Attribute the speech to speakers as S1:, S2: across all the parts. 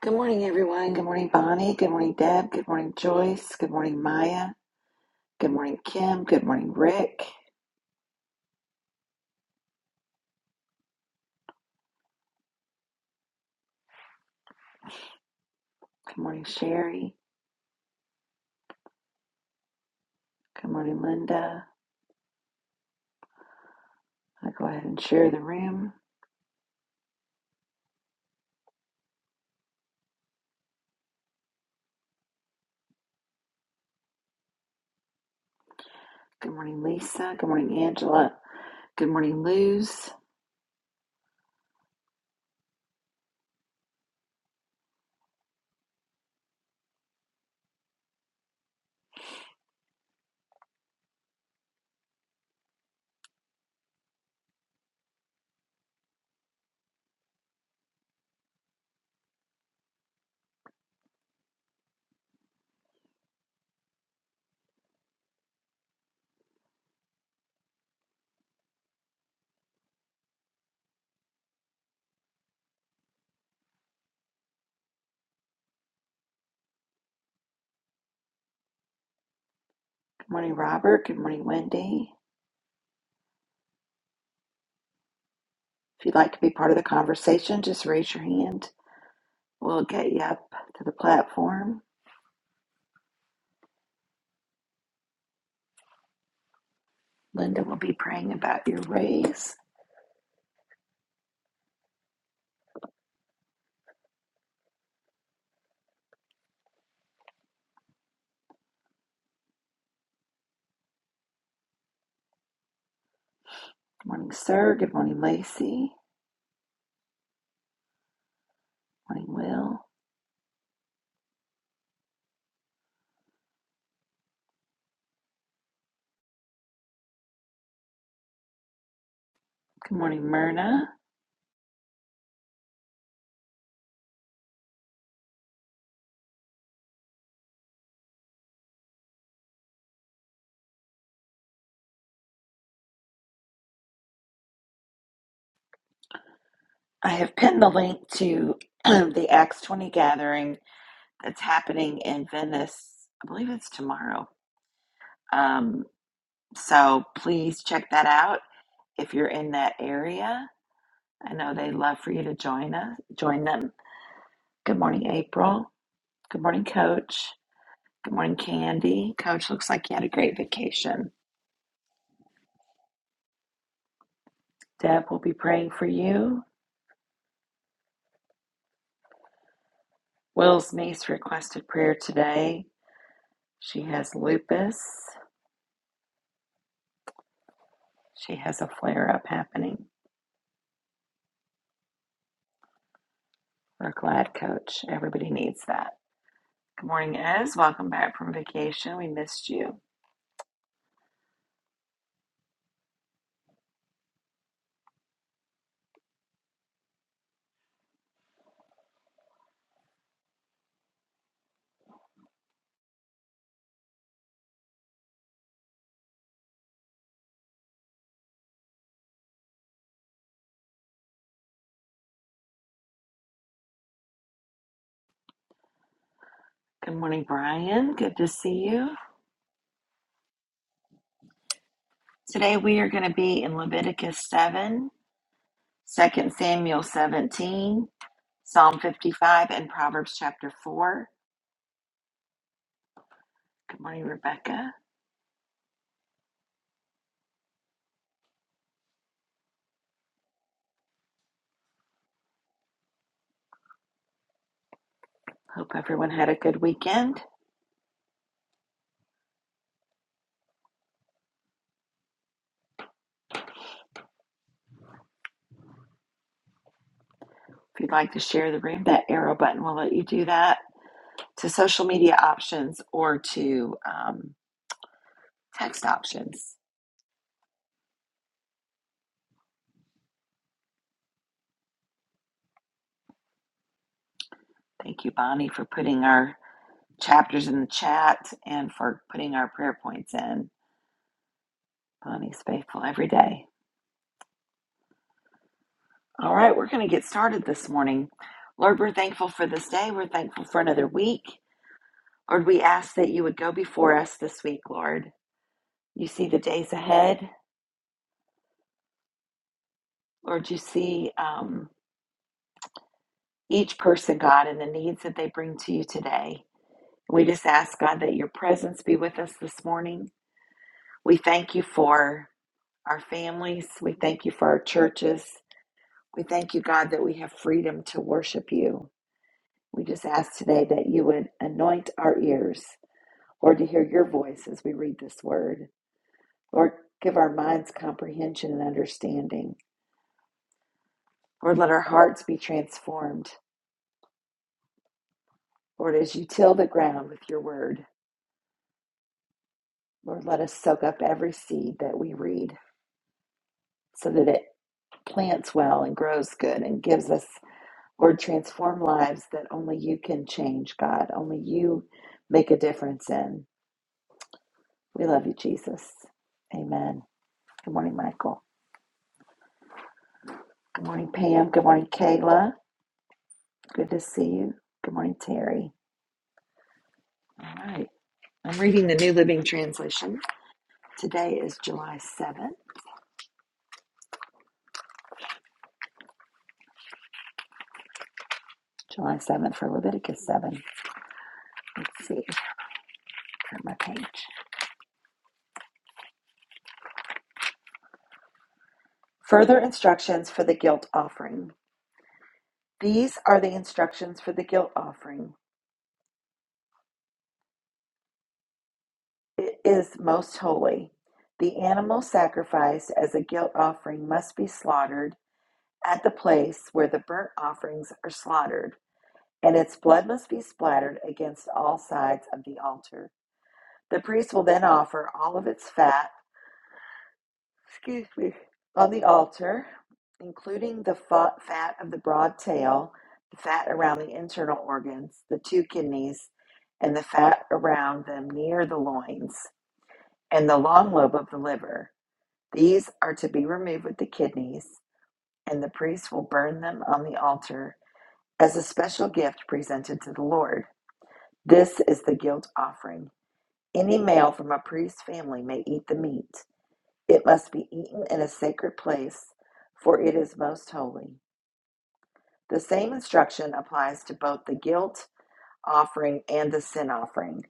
S1: Good morning, everyone. Good morning, Bonnie. Good morning, Deb. Good morning, Joyce. Good morning, Maya. Good morning, Kim. Good morning, Rick. Good morning, Sherry. Good morning, Linda. I'll go ahead and share the room. Good morning, Lisa. Good morning, Angela. Good morning, Luz. Good morning, Robert. Good morning, Wendy. If you'd like to be part of the conversation, just raise your hand. We'll get you up to the platform. Linda will be praying about your raise. Good morning, sir. Good morning, Lacey. Good morning, Will. Good morning, Myrna. I have pinned the link to the Acts 20 gathering that's happening in Venice. I believe it's tomorrow. Um, so please check that out if you're in that area. I know they'd love for you to join us, join them. Good morning, April. Good morning, Coach. Good morning, Candy. Coach, looks like you had a great vacation. Deb will be praying for you. Will's niece requested prayer today. She has lupus. She has a flare up happening. We're glad, Coach. Everybody needs that. Good morning, Ez. Welcome back from vacation. We missed you. Good morning, Brian. Good to see you. Today we are going to be in Leviticus 7, Second Samuel 17, Psalm 55, and Proverbs chapter 4. Good morning, Rebecca. Hope everyone had a good weekend. If you'd like to share the room, that arrow button will let you do that to social media options or to um, text options. Thank you, Bonnie, for putting our chapters in the chat and for putting our prayer points in. Bonnie's faithful every day. All right, we're going to get started this morning. Lord, we're thankful for this day. We're thankful for another week. Lord, we ask that you would go before us this week, Lord. You see the days ahead. Lord, you see um, each person, God, and the needs that they bring to you today. We just ask, God, that your presence be with us this morning. We thank you for our families. We thank you for our churches. We thank you, God, that we have freedom to worship you. We just ask today that you would anoint our ears, Lord, to hear your voice as we read this word. Lord, give our minds comprehension and understanding. Lord, let our hearts be transformed. Lord, as you till the ground with your word, Lord, let us soak up every seed that we read so that it plants well and grows good and gives us, Lord, transform lives that only you can change, God. Only you make a difference in. We love you, Jesus. Amen. Good morning, Michael. Good morning, Pam. Good morning, Kayla. Good to see you. Good morning, Terry. All right. I'm reading the New Living Translation. Today is July 7th. July 7th for Leviticus 7. Let's see. Turn my page. Further instructions for the guilt offering. These are the instructions for the guilt offering. It is most holy. The animal sacrificed as a guilt offering must be slaughtered at the place where the burnt offerings are slaughtered, and its blood must be splattered against all sides of the altar. The priest will then offer all of its fat, excuse me, on the altar, including the fa- fat of the broad tail, the fat around the internal organs, the two kidneys, and the fat around them near the loins, and the long lobe of the liver. These are to be removed with the kidneys, and the priest will burn them on the altar as a special gift presented to the Lord. This is the guilt offering. Any male from a priest's family may eat the meat. It must be eaten in a sacred place, for it is most holy. The same instruction applies to both the guilt offering and the sin offering.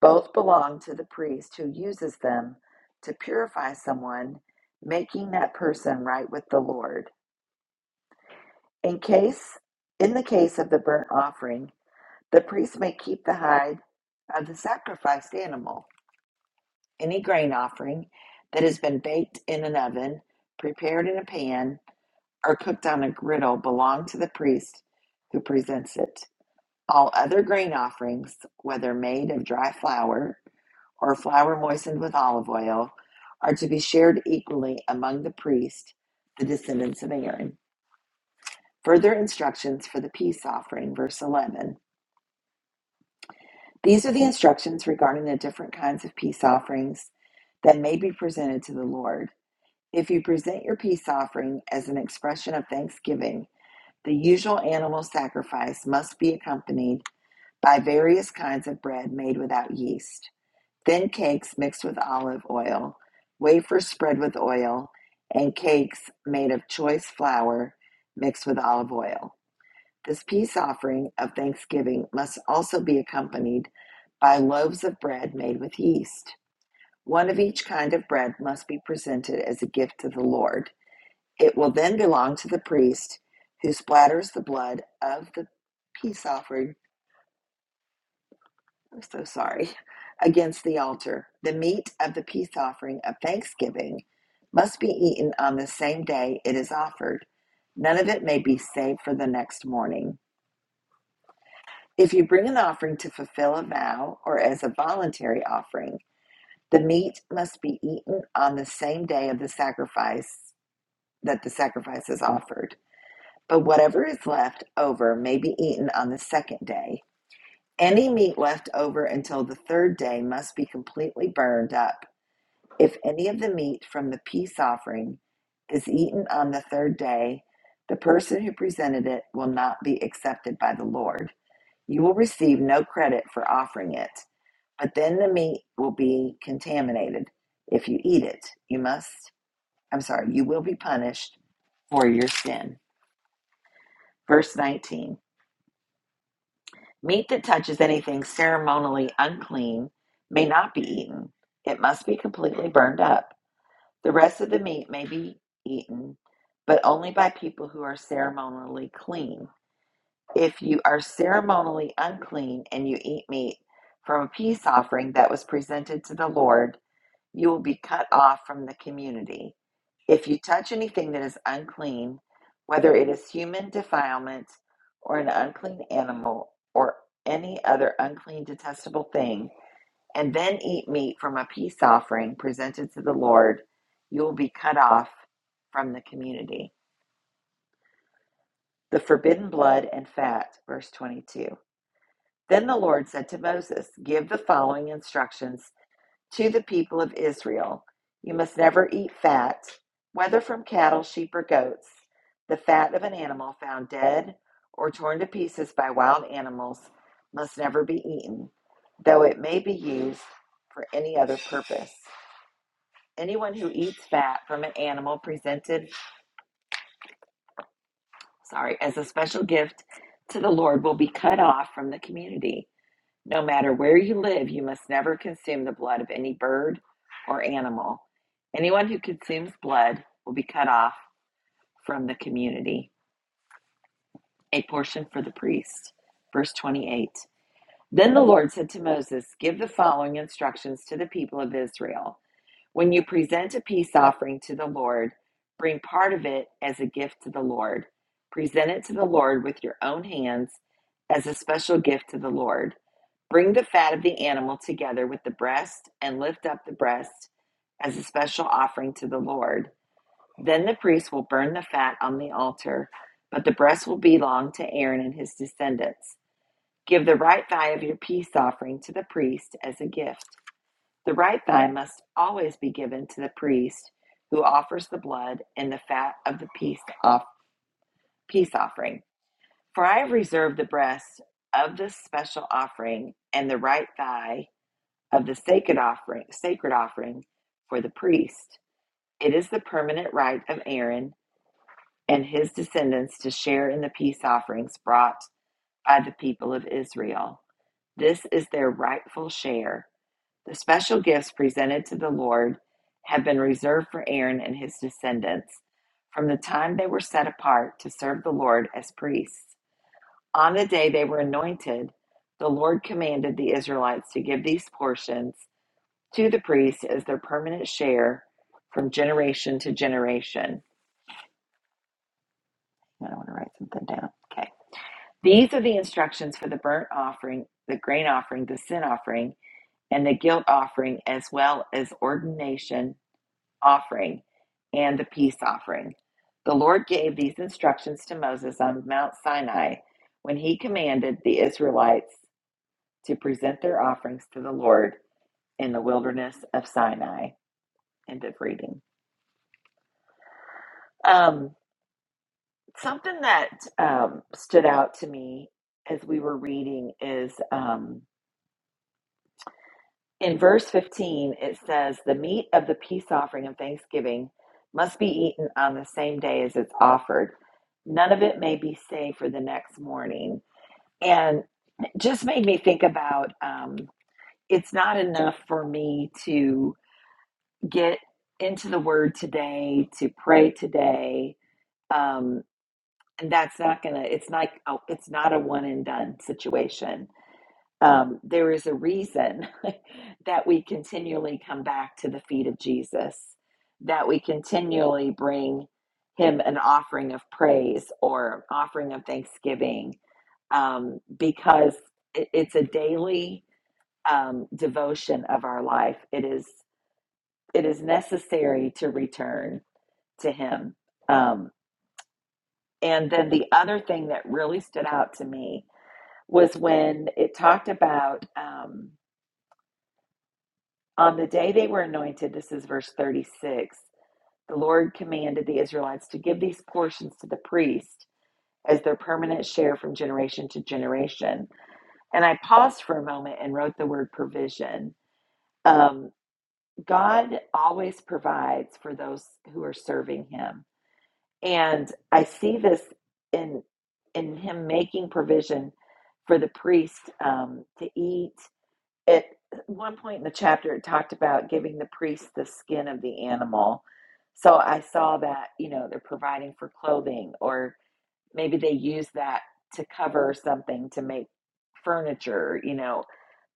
S1: Both belong to the priest who uses them to purify someone, making that person right with the Lord. In case in the case of the burnt offering, The priest may keep the hide of the sacrificed animal, any grain offering that has been baked in an oven, prepared in a pan, or cooked on a griddle belong to the priest who presents it. All other grain offerings, whether made of dry flour or flour moistened with olive oil, are to be shared equally among the priest, the descendants of Aaron. Further instructions for the peace offering, verse 11. These are the instructions regarding the different kinds of peace offerings that may be presented to the Lord. If you present your peace offering as an expression of thanksgiving, the usual animal sacrifice must be accompanied by various kinds of bread made without yeast, thin cakes mixed with olive oil, wafers spread with oil, and cakes made of choice flour mixed with olive oil. This peace offering of thanksgiving must also be accompanied by loaves of bread made with yeast. One of each kind of bread must be presented as a gift to the Lord. It will then belong to the priest who splatters the blood of the peace offering. I'm so sorry. Against the altar. The meat of the peace offering of thanksgiving must be eaten on the same day it is offered. None of it may be saved for the next morning. If you bring an offering to fulfill a vow or as a voluntary offering, the meat must be eaten on the same day of the sacrifice that the sacrifice is offered. But whatever is left over may be eaten on the second day. Any meat left over until the third day must be completely burned up. If any of the meat from the peace offering is eaten on the third day, the person who presented it will not be accepted by the Lord. You will receive no credit for offering it but then the meat will be contaminated if you eat it. You must, I'm sorry, you will be punished for your sin. Verse 19 Meat that touches anything ceremonially unclean may not be eaten, it must be completely burned up. The rest of the meat may be eaten, but only by people who are ceremonially clean. If you are ceremonially unclean and you eat meat from a peace offering that was presented to the Lord, You will be cut off from the community. If you touch anything that is unclean, whether it is human defilement or an unclean animal or any other unclean, detestable thing, and then eat meat from a peace offering presented to the Lord, you will be cut off from the community. The forbidden blood and fat, verse 22. Then the Lord said to Moses, Give the following instructions to the people of Israel. You must never eat fat, whether from cattle, sheep, or goats, the fat of an animal found dead or torn to pieces by wild animals must never be eaten, though it may be used for any other purpose. Anyone who eats fat from an animal presented, sorry, as a special gift to the Lord will be cut off from the community. No matter where you live, you must never consume the blood of any bird or animal. Anyone who consumes blood will be cut off from the community. A portion for the priest. Verse 28. Then the Lord said to Moses, Give the following instructions to the people of Israel. When you present a peace offering to the Lord, bring part of it as a gift to the Lord. Present it to the Lord with your own hands as a special gift to the Lord. Bring the fat of the animal together with the breast and lift up the breast as a special offering to the Lord. Then the priest will burn the fat on the altar, but the breast will belong to Aaron and his descendants. Give the right thigh of your peace offering to the priest as a gift. The right thigh must always be given to the priest who offers the blood and the fat of the peace, off, peace offering. For I have reserved the breast of this special offering and the right thigh of the sacred offering, sacred offering for the priest. It is the permanent right of Aaron and his descendants to share in the peace offerings brought by the people of Israel. This is their rightful share The special gifts presented to the Lord have been reserved for Aaron and his descendants from the time they were set apart to serve the Lord as priests. On the day they were anointed, the Lord commanded the Israelites to give these portions to the priests as their permanent share from generation to generation. I want to write something down. Okay. These are the instructions for the burnt offering, the grain offering, the sin offering, and the guilt offering, as well as ordination offering and the peace offering. The Lord gave these instructions to Moses on Mount Sinai when he commanded the Israelites to present their offerings to the Lord in the wilderness of Sinai. End of reading. Um, something that um, stood out to me as we were reading is. um. In verse 15, it says, The meat of the peace offering and thanksgiving must be eaten on the same day as it's offered. None of it may be saved for the next morning. And it just made me think about um, it's not enough for me to get into the word today, to pray today. Um, and that's not going to, it's like, oh, it's not a one and done situation um, there is a reason that we continually come back to the feet of Jesus, that we continually bring him an offering of praise or offering of thanksgiving, um, because it, it's a daily um, devotion of our life. It is it is necessary to return to him. Um, and then the other thing that really stood out to me was when it talked about. Um, On the day they were anointed, this is verse 36, the Lord commanded the Israelites to give these portions to the priest as their permanent share from generation to generation. And I paused for a moment and wrote the word provision. Um, God always provides for those who are serving Him. And I see this in, in Him making provision for the priest um, to eat at one point in the chapter it talked about giving the priest the skin of the animal so i saw that you know they're providing for clothing or maybe they use that to cover something to make furniture you know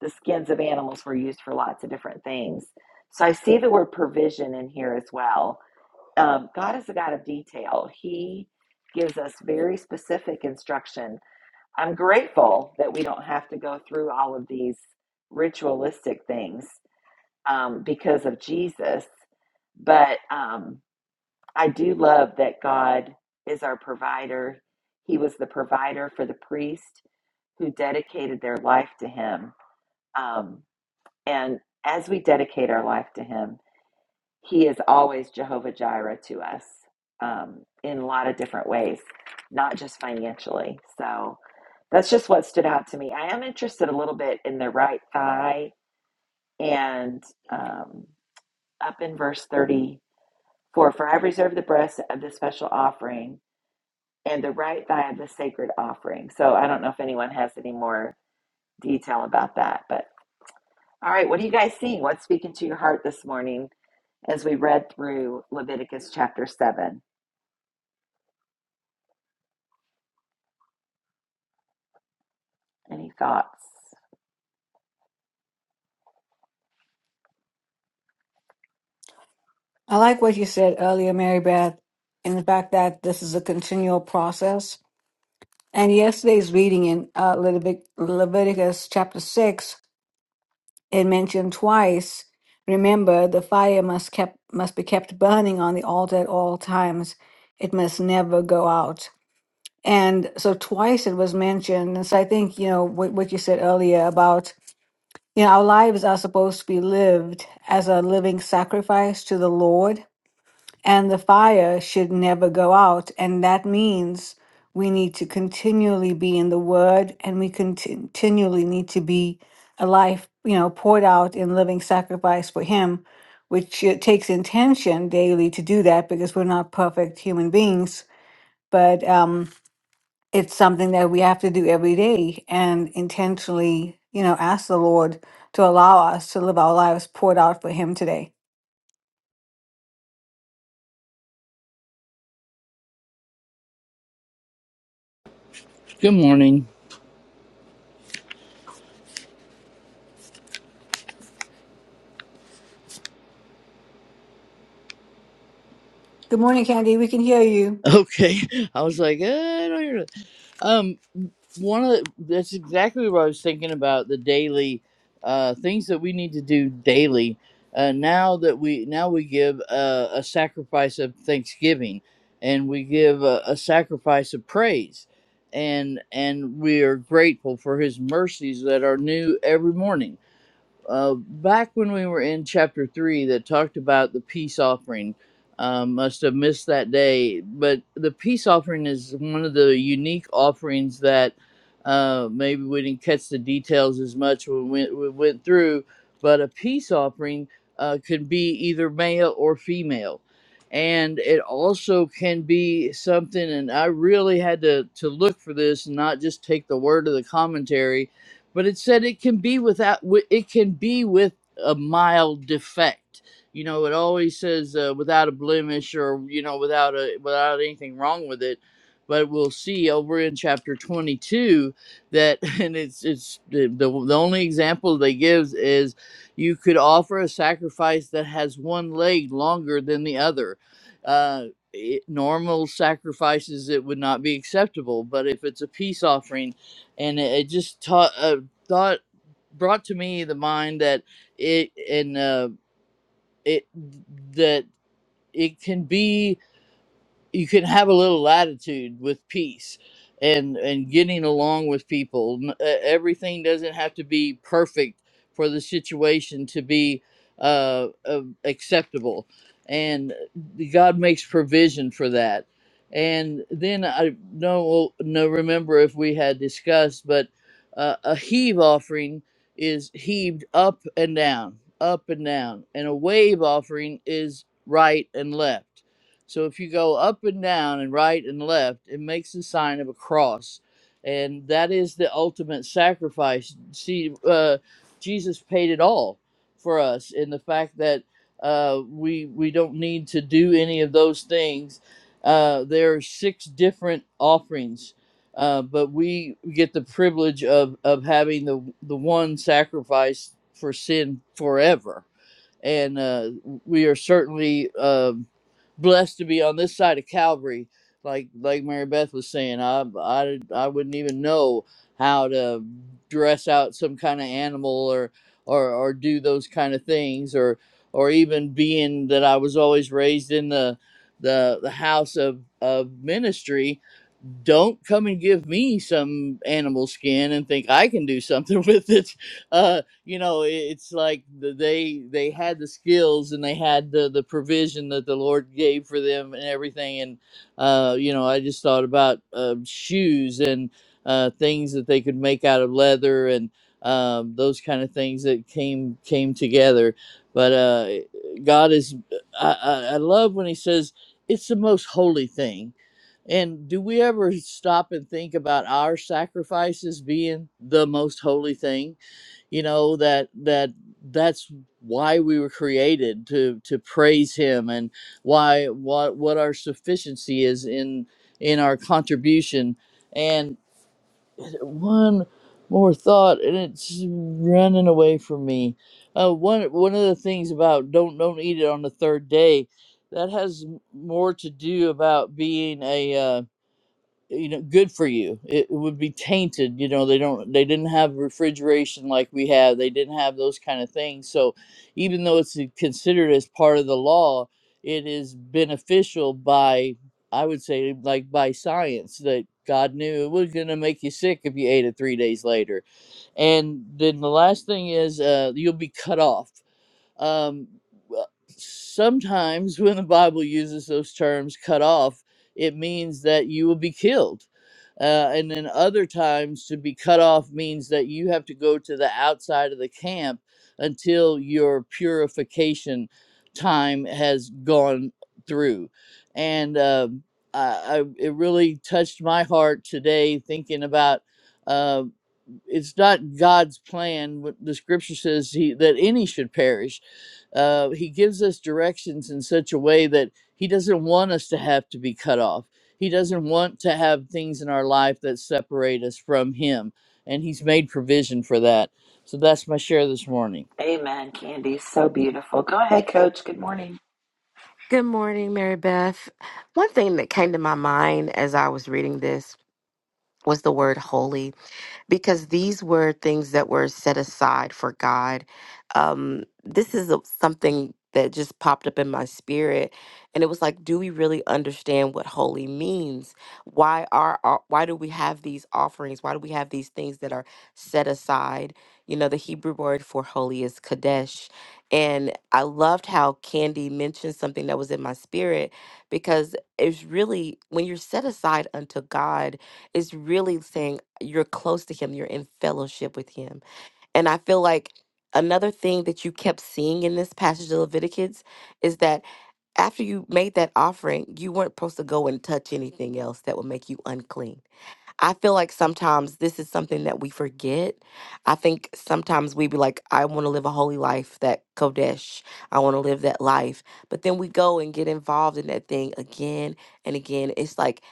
S1: the skins of animals were used for lots of different things so i see the word provision in here as well um, god is a god of detail he gives us very specific instruction I'm grateful that we don't have to go through all of these ritualistic things um, because of Jesus. But um, I do love that God is our provider. He was the provider for the priest who dedicated their life to Him. Um, and as we dedicate our life to Him, he is always Jehovah Jireh to us um, in a lot of different ways, not just financially. So that's just what stood out to me. I am interested a little bit in the right thigh and um, up in verse 34 For I reserve the breast of the special offering and the right thigh of the sacred offering. So I don't know if anyone has any more detail about that. But all right, what are you guys seeing? What's speaking to your heart this morning as we read through Leviticus chapter 7? Any thoughts?
S2: I like what you said earlier, Mary Beth, and the fact that this is a continual process. And yesterday's reading in uh, Levitic- Leviticus chapter 6, it mentioned twice remember, the fire must, kept, must be kept burning on the altar at all times, it must never go out. And so twice it was mentioned. And so I think, you know, what, what you said earlier about, you know, our lives are supposed to be lived as a living sacrifice to the Lord and the fire should never go out. And that means we need to continually be in the Word and we conti- continually need to be a life, you know, poured out in living sacrifice for Him, which it takes intention daily to do that because we're not perfect human beings. But um, it's something that we have to do every day and intentionally, you know, ask the Lord to allow us to live our lives poured out for Him today.
S3: Good morning.
S2: Good morning, Candy. We can hear you.
S3: Okay, I was like, eh, I don't hear it. Um, one of the, that's exactly what I was thinking about the daily uh, things that we need to do daily. Uh, now that we now we give uh, a sacrifice of thanksgiving, and we give a, a sacrifice of praise, and and we are grateful for His mercies that are new every morning uh, back when we were in chapter three that talked about the peace offering. Um, must have missed that day, but the peace offering is one of the unique offerings that uh, maybe we didn't catch the details as much when we, we went through. But a peace offering uh, could be either male or female, and it also can be something. And I really had to to look for this, and not just take the word of the commentary but it said it can be without it can be with a mild defect you know it always says uh, without a blemish or you know without a without anything wrong with it but we'll see over in chapter 22 that and it's it's the, the, the only example they gives is you could offer a sacrifice that has one leg longer than the other uh it, normal sacrifices it would not be acceptable but if it's a peace offering and it, it just taught uh, thought brought to me the mind that it and uh, it that it can be you can have a little latitude with peace and and getting along with people N- e- everything doesn't have to be perfect for the situation to be uh, uh acceptable and god makes provision for that and then i don't no remember if we had discussed but uh, a heave offering is heaved up and down up and down and a wave offering is right and left so if you go up and down and right and left, it makes the sign of a cross. And that is the ultimate sacrifice. See, uh, Jesus paid it all for us in the fact that uh, we, we don't need to do any of those things. Uh, there are six different offerings, uh, but we get the privilege of, of having the, the one sacrifice for sin forever. And uh, we are certainly. um blessed to be on this side of Calvary. Like like Mary Beth was saying, I I I wouldn't even know how to dress out some kind of animal or or or do those kind of things or or even being that I was always raised in the the the house of of ministry don't come and give me some animal skin and think I can do something with it. Uh, you know, i- it's like the, they they had the skills and they had the the provision that the Lord gave for them and everything. And uh, you know, I just thought about uh, shoes and uh, things that they could make out of leather and um, those kind of things that came came together. But uh, God is I, I, I love when He says it's the most holy thing and do we ever stop and think about our sacrifices being the most holy thing? You know that that that's why we were created to to praise Him, and why what what our sufficiency is in in our contribution. And one more thought, and it's running away from me. Uh, one one of the things about don't don't eat it on the third day, that has more to do about being a. uh, you know good for you it, it would be tainted you know they don't they didn't have refrigeration like we have they didn't have those kind of things so even though it's uh, considered as part of the law it is beneficial by i would say like by science that god knew it was going to make you sick if you ate it three days later and then the last thing is uh, you'll be cut off um, well, sometimes when the Bible uses those terms, cut off, it means that you will be killed. Uh, and then other times, to be cut off means that you have to go to the outside of the camp until your purification time has gone through. And um I, I, it really touched my heart today thinking about. uh, it's not God's plan. What the scripture says he, that any should perish. Uh, he gives us directions in such a way that he doesn't want us to have to be cut off. He doesn't want to have things in our life that separate us from him, and he's made provision for that. So that's my share this morning.
S1: Amen, Candy. So beautiful. Go ahead, Coach. Good morning.
S4: Good morning, Mary Beth. One thing that came to my mind as I was reading this was the word holy because these were things that were set aside for God. Um, this is a, something that just popped up in my spirit, and it was like, do we really understand what holy means? Why are our, why do we have these offerings? Why do we have these things that are set aside? You know, the Hebrew word for holy is kadesh, and I loved how Candy mentioned something that was in my spirit because it's really when you're set aside unto God, it's really saying you're close to him you're in fellowship with him and i feel like another thing that you kept seeing in this passage of leviticus is that after you made that offering you weren't supposed to go and touch anything else that would make you unclean I feel like sometimes this is something that we forget. I think sometimes we be like, I want to live a holy life, that Kodesh. I want to live that life. But then we go and get involved in that thing again and again. It's like,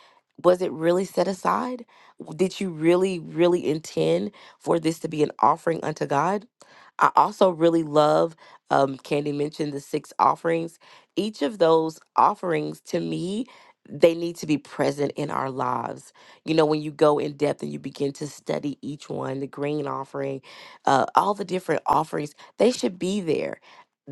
S4: was it really set aside? W- Did you really, really intend for this to be an offering unto God? I also really love, um, Candy mentioned the six offerings. Each of those offerings to me, they need to be present in our lives you know, when you go in depth and you begin to study each one, the green offering, uh, all the different offerings, they should be there.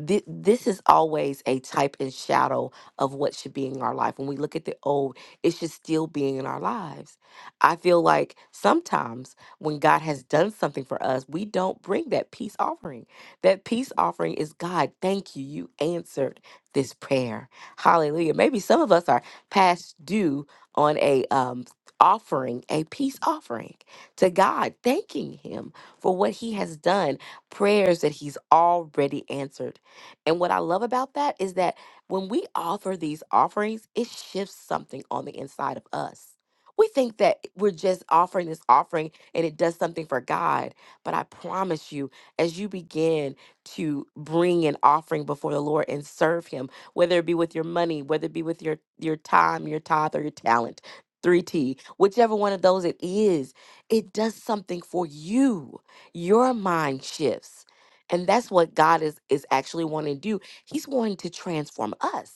S4: Thi- This is always a type and shadow of what should be in our life. When we look at the old, it should still be in our lives. I feel like sometimes when God has done something for us, we don't bring that peace offering. That peace offering is God, thank you. You answered this prayer. Hallelujah. Maybe some of us are past due on a um, offering a peace offering to God, thanking Him for what He has done, prayers that He's already answered. And what I love about that is that when we offer these offerings, it shifts something on the inside of us. We think that we're just offering this offering and it does something for God. But I promise you, as you begin to bring an offering before the Lord and serve Him, whether it be with your money, whether it be with your, your time, your tithe, or your talent, 3T, whichever one of those it is, it does something for you. Your mind shifts. And that's what God is is actually wanting to do. He's wanting to transform us.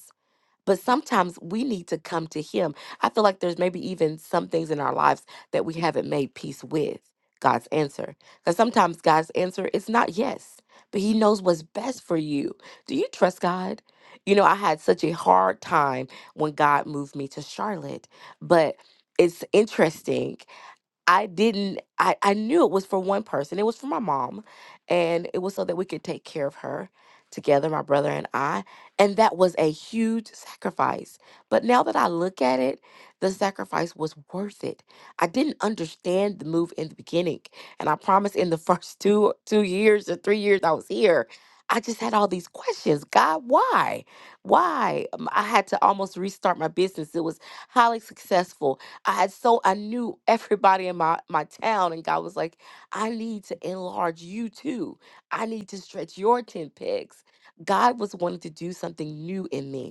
S4: But sometimes we need to come to Him. I feel like there's maybe even some things in our lives that we haven't made peace with God's answer. Because sometimes God's answer is not yes, but He knows what's best for you. Do you trust God? You know, I had such a hard time when God moved me to Charlotte, but it's interesting. I didn't I, I knew it was for one person. It was for my mom and it was so that we could take care of her together, my brother and I. And that was a huge sacrifice. But now that I look at it, the sacrifice was worth it. I didn't understand the move in the beginning. And I promise in the first two two years or three years I was here, I just had all these questions. God, why? Why? Um, I had to almost restart my business. It was highly successful I had so I knew everybody in my my town, and God was like, I need to enlarge you too. I need to stretch your tent pegs. God was wanting to do something new in me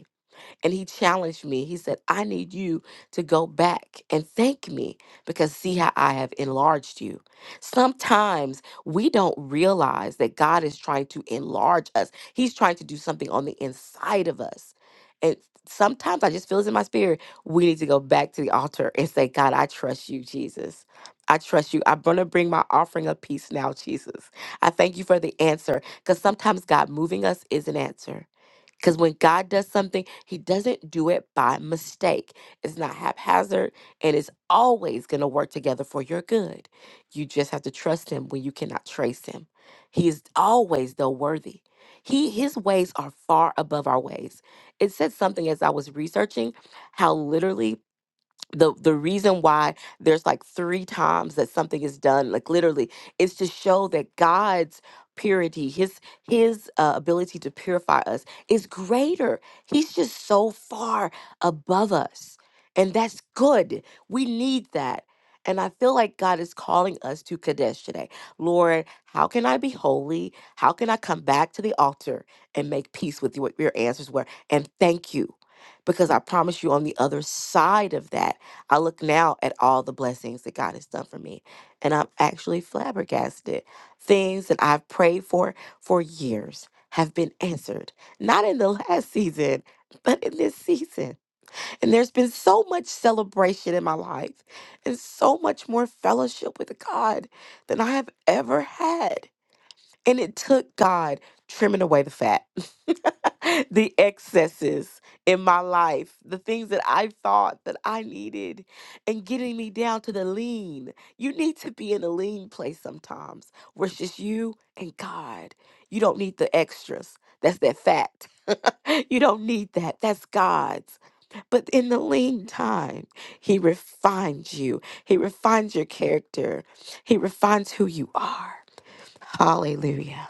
S4: and he challenged me. He said, I need you to go back and thank me because see how I have enlarged you. Sometimes we don't realize that God is trying to enlarge us, He's trying to do something on the inside of us. And sometimes I just feel this in my spirit. We need to go back to the altar and say, God, I trust you, Jesus. I trust you. I'm going to bring my offering of peace now, Jesus. I thank you for the answer because sometimes God moving us is an answer. Because when God does something, He doesn't do it by mistake. It's not haphazard and it's always going to work together for your good. You just have to trust Him when you cannot trace Him. He is always, though, worthy. He, his ways are far above our ways. It said something as I was researching how literally the the reason why there's like three times that something is done like literally is to show that god's purity his his uh, ability to purify us is greater he's just so far above us and that's good we need that and i feel like god is calling us to kadesh today lord how can i be holy how can i come back to the altar and make peace with you what your answers were and thank you because i promise you on the other side of that I look now at all the blessings that God has done for me, and I'm actually flabbergasted. Things that I've prayed for for years have been answered, not in the last season, but in this season. And there's been so much celebration in my life and so much more fellowship with God than I have ever had. And it took God trimming away the fat, the excesses in my life, the things that I thought that I needed, and getting me down to the lean. You need to be in a lean place sometimes where it's just you and God. You don't need the extras. That's that fat. you don't need that. That's God's. But in the lean time, He refines you, He refines your character, He refines who you are. Hallelujah.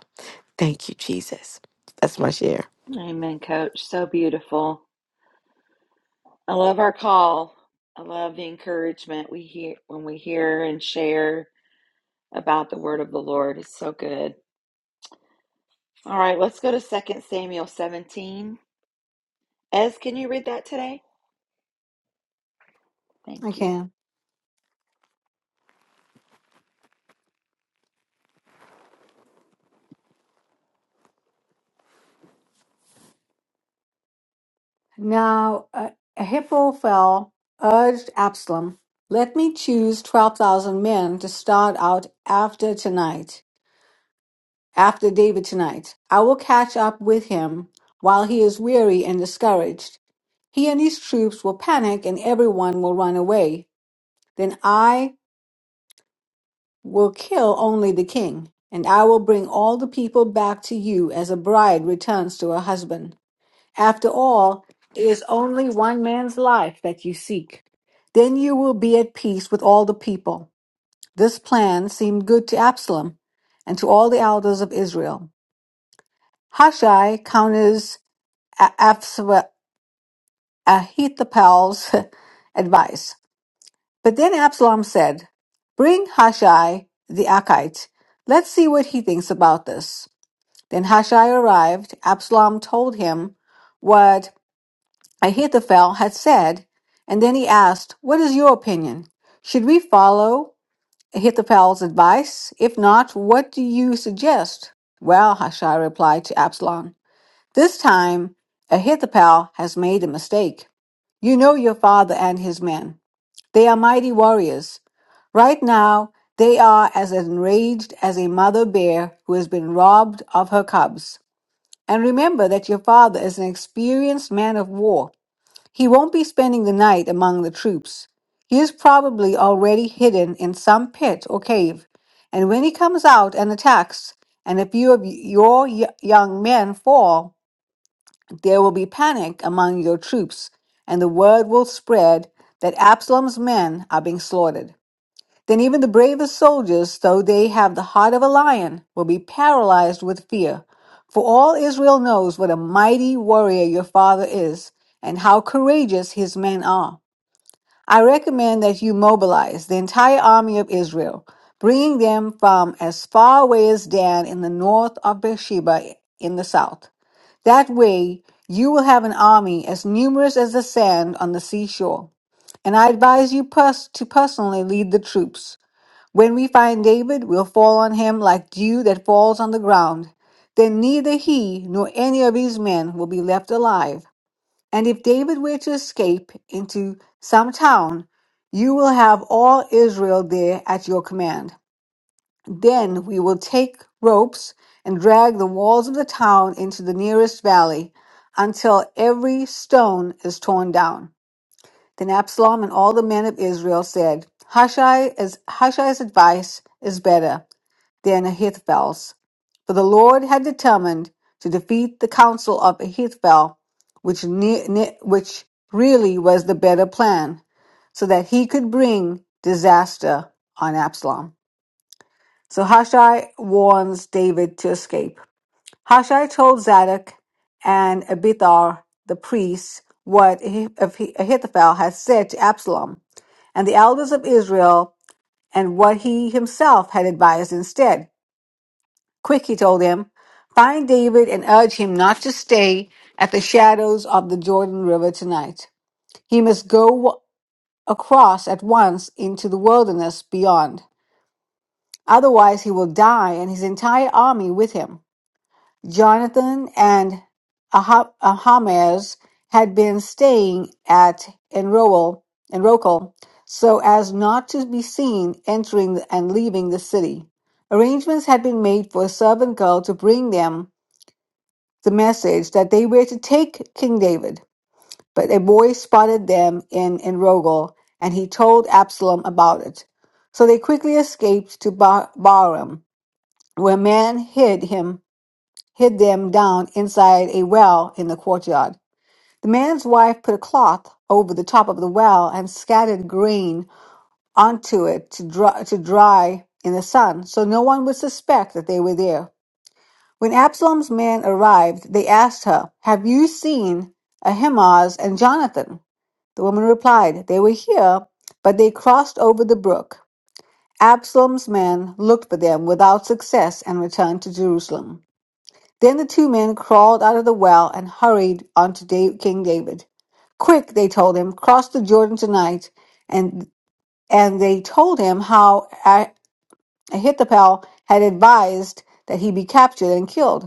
S4: Thank you, Jesus. That's my share.
S1: Amen, coach. So beautiful. I love our call. I love the encouragement we hear when we hear and share about the word of the Lord. It's so good. All right, let's go to Second Samuel 17. Ez, can you read that today?
S2: I
S1: Thank you.
S2: can. Now uh, Ahithophel urged Absalom, Let me choose 12,000 men to start out after tonight, after David tonight. I will catch up with him while he is weary and discouraged. He and his troops will panic and everyone will run away. Then I will kill only the king, and I will bring all the people back to you as a bride returns to her husband. After all, it is only one man's life that you seek. Then you will be at peace with all the people. This plan seemed good to Absalom and to all the elders of Israel. Hushai counters A- Absa- Ahithophel's advice. But then Absalom said, Bring Hushai the Archite. Let's see what he thinks about this. Then Hushai arrived. Absalom told him what Ahithophel had said, and then he asked, What is your opinion? Should we follow Ahithophel's advice? If not, what do you suggest? Well, Hushai replied to Absalom, This time Ahithophel has made a mistake. You know your father and his men. They are mighty warriors. Right now, they are as enraged as a mother bear who has been robbed of her cubs. And remember that your father is an experienced man of war. He won't be spending the night among the troops. He is probably already hidden in some pit or cave, and when he comes out and attacks, and a few of your y- young men fall, there will be panic among your troops, and the word will spread that Absalom's men are being slaughtered. Then even the bravest soldiers, though they have the heart of a lion, will be paralyzed with fear. For all Israel knows what a mighty warrior your father is and how courageous his men are. I recommend that you mobilize the entire army of Israel, bringing them from as far away as Dan in the north of Beersheba in the south. That way, you will have an army as numerous as the sand on the seashore. And I advise you pers- to personally lead the troops. When we find David, we'll fall on him like dew that falls on the ground. Then neither he nor any of his men will be left alive. And if David were to escape into some town, you will have all Israel there at your command. Then we will take ropes and drag the walls of the town into the nearest valley until every stone is torn down. Then Absalom and all the men of Israel said, Hushai is, Hushai's advice is better than Ahithophel, for the Lord had determined to defeat the counsel of Ahithophel, which ne- ne- which really was the better plan, so that he could bring disaster on Absalom. So Hushai warns David to escape. Hushai told Zadok and Abithar the priests what Ahi- Ahithophel had said to Absalom and the elders of Israel and what he himself had advised instead. Quick, he told them, find David and urge him not to stay at the shadows of the Jordan River tonight. He must go across at once into the wilderness beyond. Otherwise, he will die and his entire army with him. Jonathan and Aha- Ahamaz had been staying at Enroel, Enrokal so as not to be seen entering and leaving the city. Arrangements had been made for a servant girl to bring them the message that they were to take King David. But a boy spotted them in Enrogel, and he told Absalom about it. So they quickly escaped to ba- Baram, where a man hid him, hid them down inside a well in the courtyard. The man's wife put a cloth over the top of the well and scattered grain onto it to dry, to dry in the sun, so no one would suspect that they were there. When Absalom's men arrived, they asked her, Have you seen Ahimaaz and Jonathan? The woman replied, They were here, but they crossed over the brook. Absalom's men looked for them without success and returned to Jerusalem. Then the two men crawled out of the well and hurried on to Da- King David. Quick, they told him, cross the Jordan tonight. And, and they told him how Ah- Ahithophel had advised that he be captured and killed.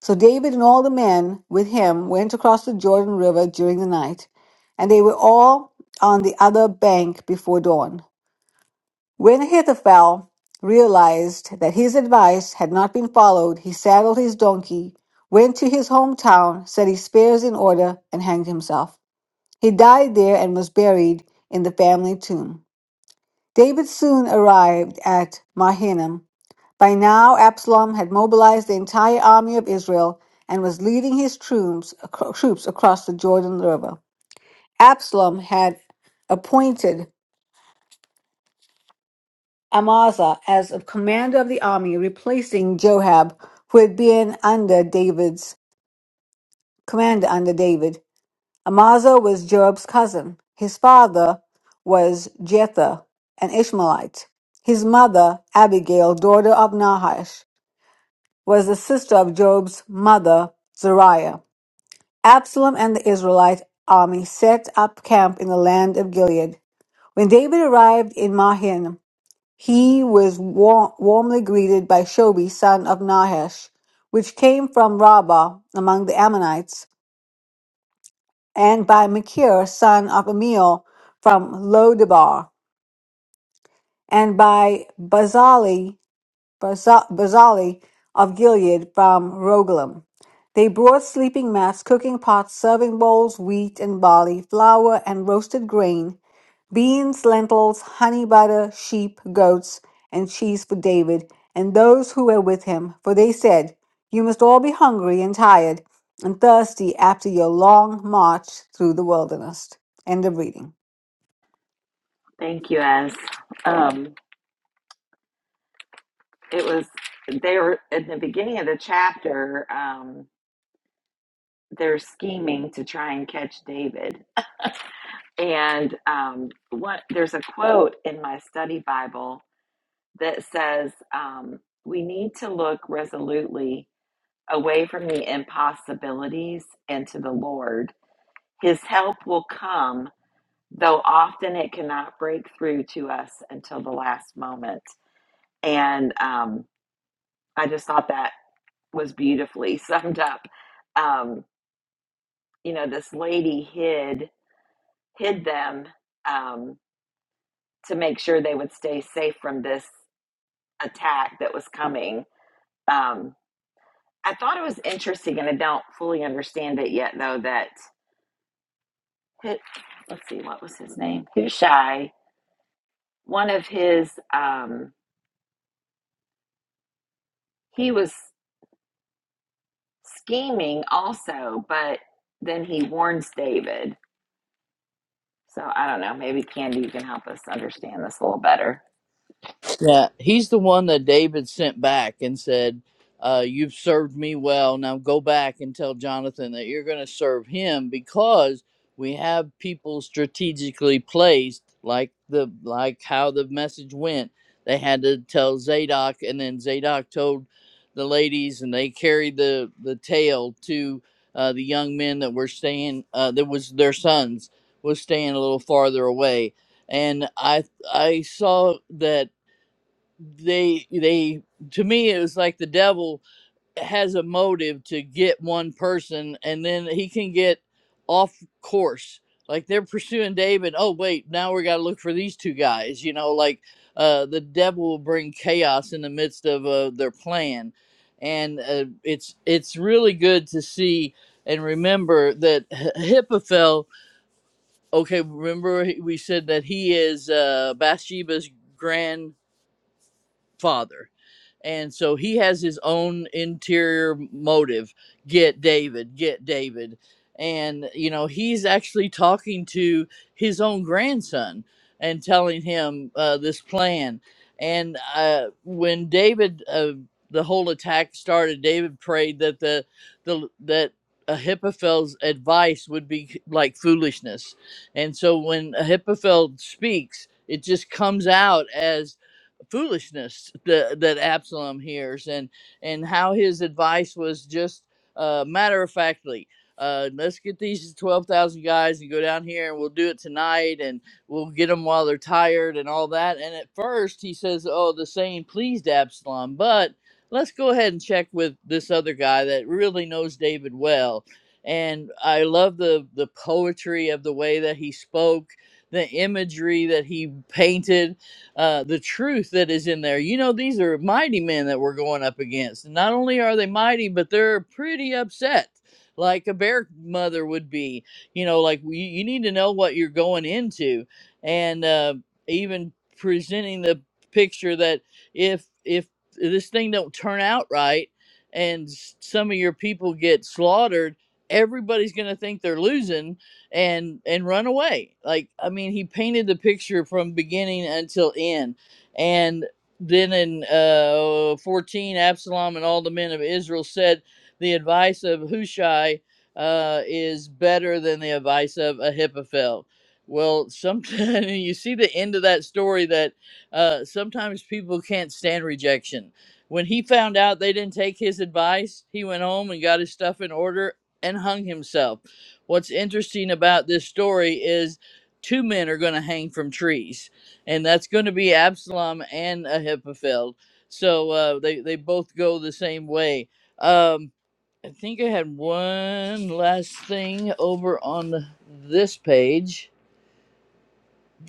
S2: So David and all the men with him went across the Jordan River during the night, and they were all on the other bank before dawn. When Ahithophel realized that his advice had not been followed, he saddled his donkey, went to his hometown, set his spears in order, and hanged himself. He died there and was buried in the family tomb. David soon arrived at Mahanaim by now, Absalom had mobilized the entire army of Israel and was leading his troops, acro- troops across the Jordan River. Absalom had appointed Amasa as a commander of the army, replacing Joab, who had been under David's commander under David. Amasa was Joab's cousin. His father was Jether, an Ishmaelite. His mother, Abigail, daughter of Nahash, was the sister of Joab's mother, Zariah. Absalom and the Israelite army set up camp in the land of Gilead. When David arrived in Mahim, he was war- warmly greeted by Shobi, son of Nahash, which came from Rabbah among the Ammonites, and by Machir, son of Amiel, from Lodebar, and by Bazali Baza- Bazali of Gilead from Rogelim. They brought sleeping mats, cooking pots, serving bowls, wheat and barley, flour and roasted grain, beans, lentils, honey butter, sheep, goats, and cheese for David and those who were with him. For they said, You must all be hungry and tired and thirsty after your long march through the wilderness. End of reading.
S1: Thank you, Ez. Um, it was they were at the beginning of the chapter. Um, they're scheming to try and catch David, And um, what there's a quote in my study Bible that says, um, "We need to look resolutely away from the impossibilities and to the Lord. His help will come, though often it cannot break through to us until the last moment." And um, I just thought that was beautifully summed up. Um, you know, this lady hid hid them um, to make sure they would stay safe from this attack that was coming. Um, I thought it was interesting, and I don't fully understand it yet, though. That let's see, what was his name? Hushai. One of his, um, he was scheming also, but then he warns David. So I don't know. Maybe Candy, you can help us understand this a little better.
S3: Yeah, he's the one that David sent back and said, uh, You've served me well. Now go back and tell Jonathan that you're going to serve him because we have people strategically placed, like the like how the message went. They had to tell Zadok, and then Zadok told the ladies, and they carried the the tale to uh, the young men that were staying. Uh, that was their sons was staying a little farther away, and I I saw that they they to me it was like the devil has a motive to get one person and then he can get off course like they're pursuing david oh wait now we got to look for these two guys you know like uh the devil will bring chaos in the midst of uh, their plan and uh, it's it's really good to see and remember that Hi- Ahithophel, okay, remember he- we said that he is uh, Bathsheba's grandfather and so he has his own interior motive get david get david and you know he's actually talking to his own grandson and telling him uh, this plan and uh, when david uh, the whole attack started david prayed that the, the that ahithophel's advice would be like foolishness and so when ahithophel speaks it just comes out as foolishness that, that Absalom hears and and how his advice was just uh, matter of factly. Uh, let's get these 12,000 guys and go down here and we'll do it tonight and we'll get them while they're tired and all that. And at first he says, Oh, the saying pleased Absalom, but let's go ahead and check with this other guy that really knows David well. And I love the, the poetry of the way that he spoke, the imagery that he painted uh, the truth that is in there. You know, these are mighty men that we're going up against. Not only are they mighty, but they're pretty upset, like a bear mother would be. You know, like you, you need to know what you're going into, and uh, even presenting the picture that if if this thing don't turn out right and s- some of your people get slaughtered everybody's going to think they're losing and and run away. Like I mean, he painted the picture from beginning until end, and then in uh, 14, Absalom and all the men of Israel said, "The advice of Hushai uh, is better than the advice of Ahithophel." Well, sometimes you see the end of that story that uh, sometimes people can't stand rejection. When he found out they didn't take his advice, he went home and got his stuff in order and hung himself what's interesting about this story is two men are going to hang from trees, and that's going to be Absalom and Ahithophel. So uh, they they both go the same way. Um, I think I had one last thing over on the, this page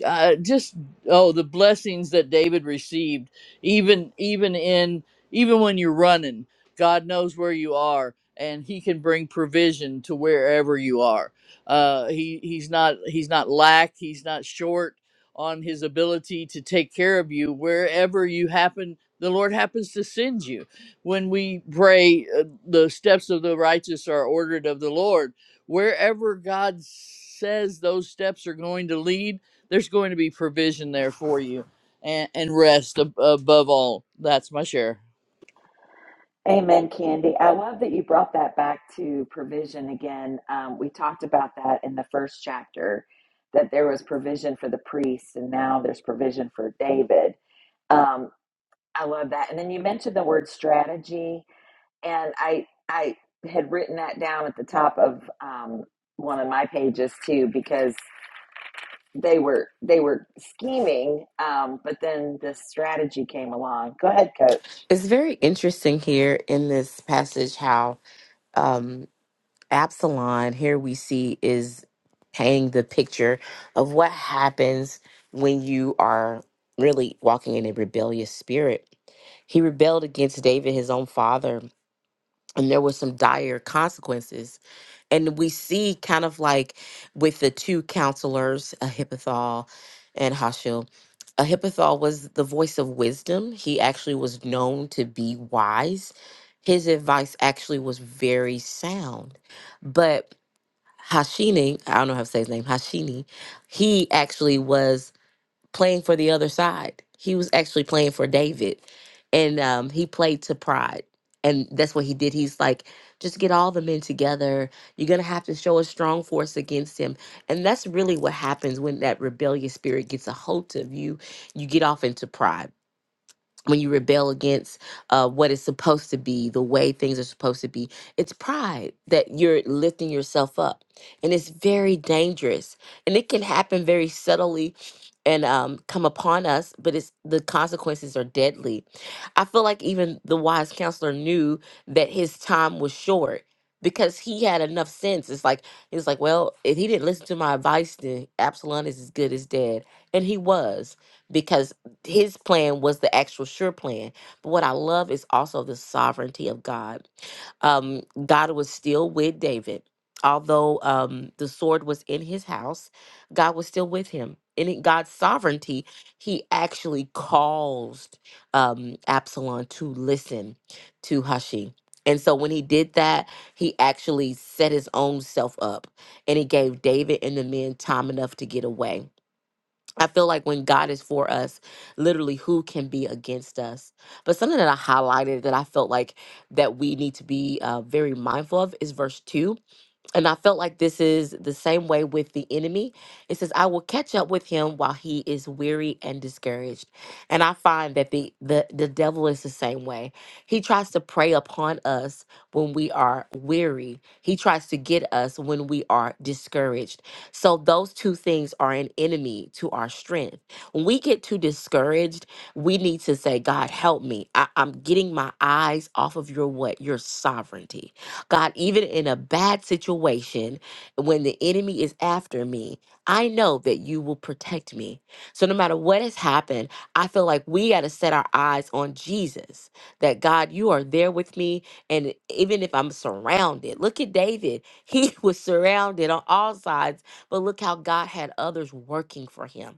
S3: uh, just oh the blessings that David received even even in even when you're running God knows where you are and he can bring provision to wherever you are uh, he he's not he's not lack he's not short on his ability to take care of you wherever you happen the Lord happens to send you when we pray uh, the steps of the righteous are ordered of the Lord wherever God says those steps are going to lead there's going to be provision there for you and, and rest ab- above all. That's my share.
S1: Amen, Candy. I love that you brought that back to provision again. Um, we talked about that in the first chapter that there was provision for the priests, and now there's provision for David. Um, I love that. And then you mentioned the word strategy, and I I had written that down at the top of um, one of my pages too because they were they were scheming, um, but then the strategy came along. Go ahead, Coach.
S4: It's very interesting here in this passage how um, Absalom, here we see, is painting the picture of what happens when you are really walking in a rebellious spirit. He rebelled against David, his own father, and there were some dire consequences and we see kind of like with the two counselors, Ahithophel and Hashil. Ahithophel was the voice of wisdom. He actually was known to be wise. His advice actually was very sound. But Hashini, I don't know how to say his name, Hashini, he actually was playing for the other side. He was actually playing for David, and um, he played to pride, and that's what he did. He's like, just get all the men together. You're gonna have to show a strong force against him, and that's really what happens when that rebellious spirit gets a hold of you. You get off into pride when you rebel against uh, what is supposed to be, the way things are supposed to be, it's pride that you're lifting yourself up. And it's very dangerous. And it can happen very subtly and um, come upon us, but it's the consequences are deadly. I feel like even the wise counselor knew that his time was short because he had enough sense. It's like, he was like, well, if he didn't listen to my advice, then Absalom is as good as dead. And he was because his plan was the actual sure plan. But what I love is also the sovereignty of God. Um, God was still with David. Although um, the sword was in his house, God was still with him. And in God's sovereignty, he actually caused um, Absalom to listen to Hushai. And so when he did that, he actually set his own self up and he gave David and the men time enough to get away I feel like when God is for us, literally who can be against us? But something that I highlighted that I felt like that we need to be uh, very mindful of is verse 2 and I felt like this is the same way with the enemy. It says, I will catch up with him while he is weary and discouraged. And I find that the, the, the devil is the same way. He tries to prey upon us when we are weary, he tries to get us when we are discouraged. So, those two things are an enemy to our strength. When we get too discouraged, we need to say, God, help me. I, I'm getting my eyes off of your what? Your sovereignty. God, even in a bad situation, when the enemy is after me, I know that you will protect me. So no matter what has happened, I feel like we got to set our eyes on Jesus. That God, you are there with me. And even if I'm surrounded, look at David. He was surrounded on all sides, but look how God had others working for him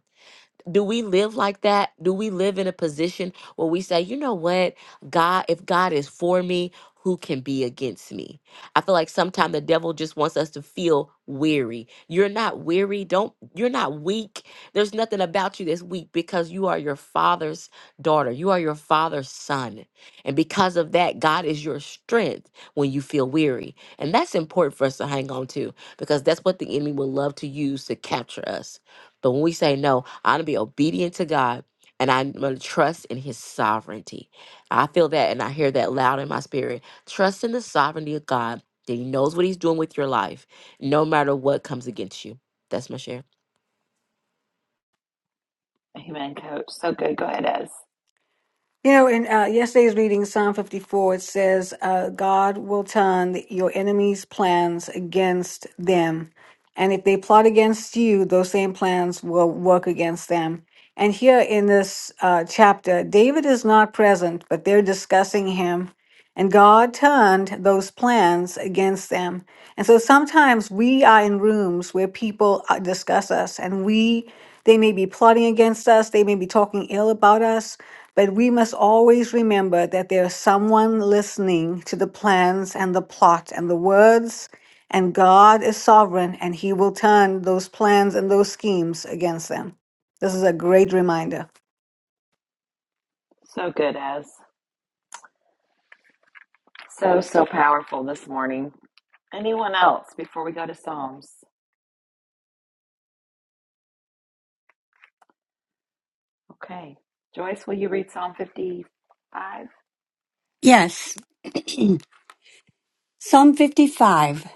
S4: do we live like that? Do we live in a position where we say, you know what, God, if God is for me, who can be against me? I feel like sometimes the devil just wants us to feel weary. You're not weary. Don't, you're not weak. There's nothing about you that's weak because you are your father's daughter. You are your father's son. And because of that, God is your strength when you feel weary. And that's important for us to hang on to because that's what the enemy will love to use to capture us. But when we say no, I'm going to be obedient to God and I'm going to trust in his sovereignty. I feel that and I hear that loud in my spirit. Trust in the sovereignty of God that he knows what he's doing with your life, no matter what comes against you. That's my share.
S1: Amen, Coach. So good. Go ahead, Ez.
S2: You know, in uh, yesterday's reading, Psalm 54, it says, uh, God will turn your enemies' plans against them. And if they plot against you, those same plans will work against them. And here in this uh, chapter, David is not present, but they're discussing him. And God turned those plans against them. And so sometimes we are in rooms where people uh, discuss us and we they may be plotting against us, they may be talking ill about us, but we must always remember that there's someone listening to the plans and the plot and the words, and God is sovereign and he will turn those plans and those schemes against them. This is a great reminder.
S1: So good, as so so powerful this morning. Anyone else before we go to Psalms? Okay, Joyce, will you read Psalm fifty-five?
S5: Yes. Psalm 55.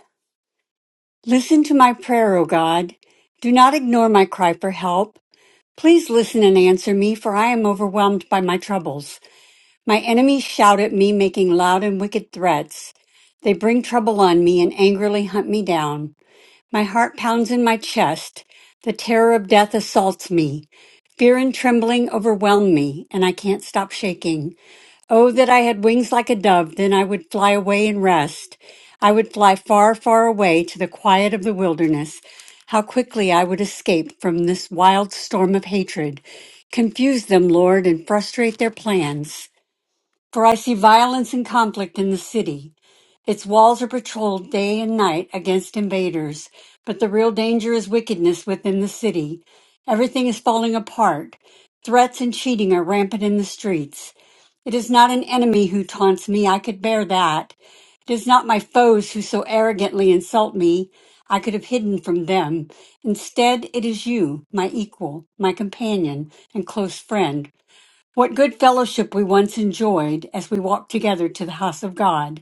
S5: Listen to my prayer, O God. Do not ignore my cry for help. Please listen and answer me, for I am overwhelmed by my troubles. My enemies shout at me, making loud and wicked threats. They bring trouble on me and angrily hunt me down. My heart pounds in my chest. The terror of death assaults me. Fear and trembling overwhelm me, and I can't stop shaking. Oh, that I had wings like a dove, then I would fly away and rest. I would fly far, far away to the quiet of the wilderness. How quickly I would escape from this wild storm of hatred. Confuse them, Lord, and frustrate their plans. For I see violence and conflict in the city. Its walls are patrolled day and night against invaders, but the real danger is wickedness within the city. Everything is falling apart. Threats and cheating are rampant in the streets. It is not an enemy who taunts me, I could bear that. It is not my foes who so arrogantly insult me, I could have hidden from them. Instead, it is you, my equal, my companion, and close friend. What good fellowship we once enjoyed as we walked together to the house of God.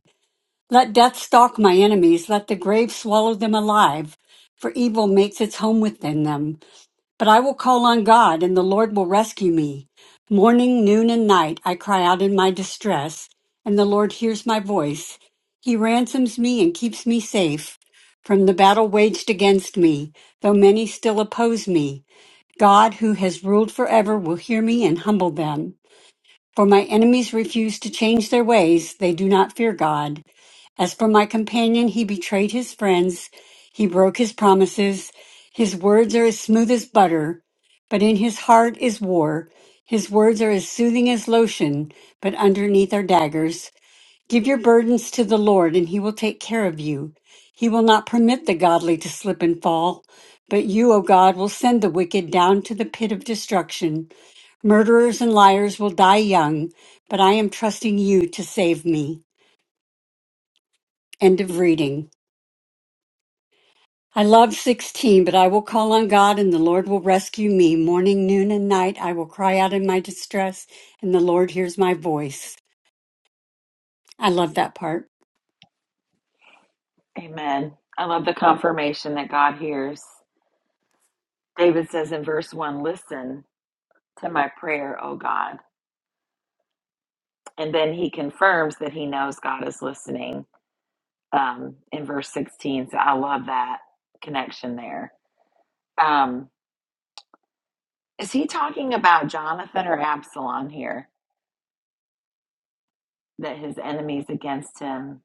S5: Let death stalk my enemies, let the grave swallow them alive, for evil makes its home within them. But I will call on God, and the Lord will rescue me. Morning, noon, and night I cry out in my distress, and the Lord hears my voice. He ransoms me and keeps me safe from the battle waged against me, though many still oppose me. God, who has ruled forever, will hear me and humble them. For my enemies refuse to change their ways, they do not fear God. As for my companion, he betrayed his friends, he broke his promises. His words are as smooth as butter, but in his heart is war. His words are as soothing as lotion, but underneath are daggers. Give your burdens to the Lord, and he will take care of you. He will not permit the godly to slip and fall, but you, O God, will send the wicked down to the pit of destruction. Murderers and liars will die young, but I am trusting you to save me. End of reading. I love 16, but I will call on God and the Lord will rescue me. Morning, noon, and night, I will cry out in my distress, and the Lord hears my voice. I love that part.
S1: Amen. I love the confirmation that God hears. David says in verse one, "Listen to my prayer, O God," and then he confirms that he knows God is listening um, in verse sixteen. So I love that connection there. Um, is he talking about Jonathan or Absalom here? That his enemies against him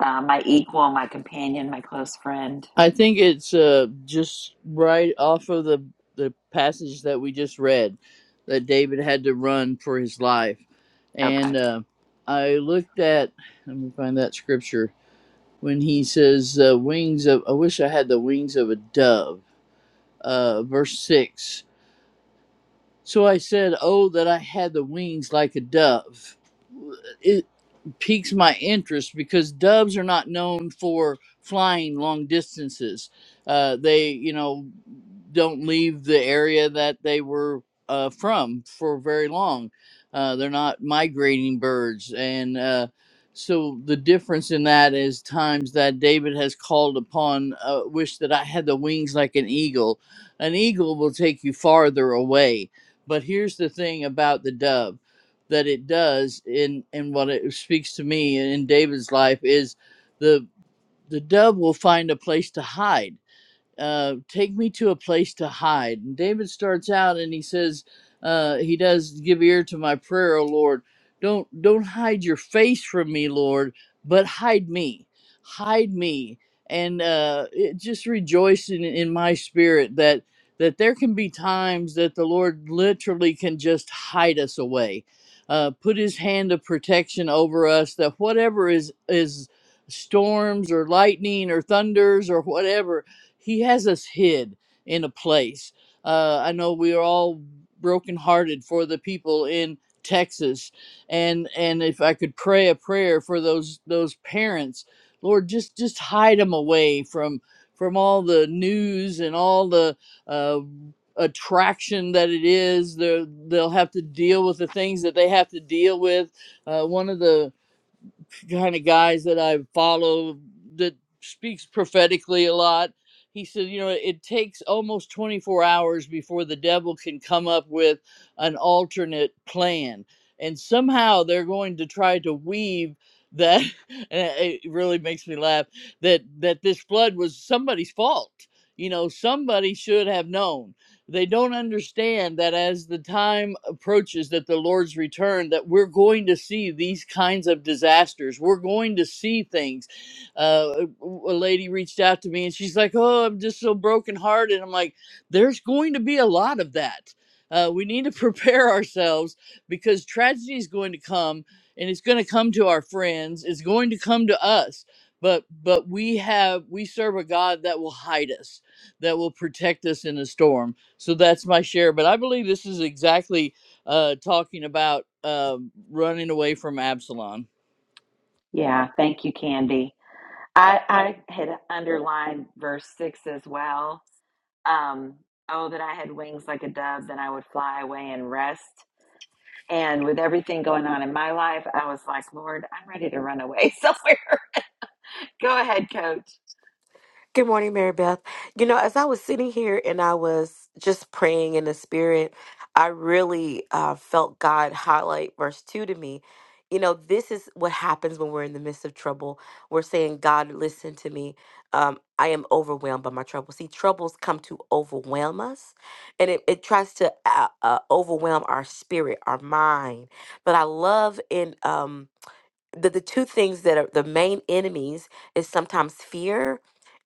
S1: uh, my equal, my companion, my close friend.
S3: I think it's uh, just right off of the, the passage that we just read that David had to run for his life.
S1: Okay.
S3: And uh, I looked at, let me find that scripture, when he says, uh, wings of, I wish I had the wings of a dove, uh, verse 6. So I said, Oh, that I had the wings like a dove piques my interest because doves are not known for flying long distances. Uh, they, you know, don't leave the area that they were uh, from for very long. Uh, they're not migrating birds. And uh, so the difference in that is times that David has called upon, uh, wish that I had the wings like an eagle. An eagle will take you farther away. But here's the thing about the dove that it does in in what it speaks to me in David's life is the the dove will find a place to hide uh, take me to a place to hide. And David starts out and he says, uh, he does give ear to my prayer, O Lord. Don't don't hide your face from me, Lord, but hide me, hide me, and uh, it just rejoice in, in my spirit that that there can be times that the Lord literally can just hide us away, uh, put His hand of protection over us. That whatever is is storms or lightning or thunders or whatever he has us hid in a place. Uh, I know we are all brokenhearted for the people in Texas, and and if I could pray a prayer for those those parents, Lord, just just hide them away from from all the news and all the uh, attraction that it is. They're, they'll have to deal with the things that they have to deal with. Uh, one of the kind of guys that I follow that speaks prophetically a lot. He said, you know, it takes almost 24 hours before the devil can come up with an alternate plan. And somehow they're going to try to weave that and it it really makes me laugh that that this flood was somebody's fault. You know, somebody should have known they don't understand that as the time approaches that the lord's return that we're going to see these kinds of disasters we're going to see things uh, a a lady reached out to me and she's like oh i'm just so brokenhearted i'm like there's going to be a lot of that uh, we need to prepare ourselves because tragedy is going to come and it's going to come to our friends it's going to come to us but but we have we serve a god that will hide us that will protect us in a storm so that's my share. But I believe this is exactly uh, talking about um running away from Absalom.
S1: Yeah. Thank you, Candy. I, I had underlined verse six as well. Um, oh, that I had wings like a dove, then I would fly away and rest. And with everything going on in my life, I was like, Lord, I'm ready to run away somewhere. Go ahead, coach.
S4: Good morning, Mary Beth. You know, as I was sitting here and I was just praying in the spirit, I really uh, felt God highlight verse 2 to me. You know, this is what happens when we're in the midst of trouble. We're saying, God, listen to me. Um, I am overwhelmed by my trouble. See, troubles come to overwhelm us, and it, it tries to uh, uh, overwhelm our spirit, our mind. But I love in um, the, the two things that are the main enemies is sometimes fear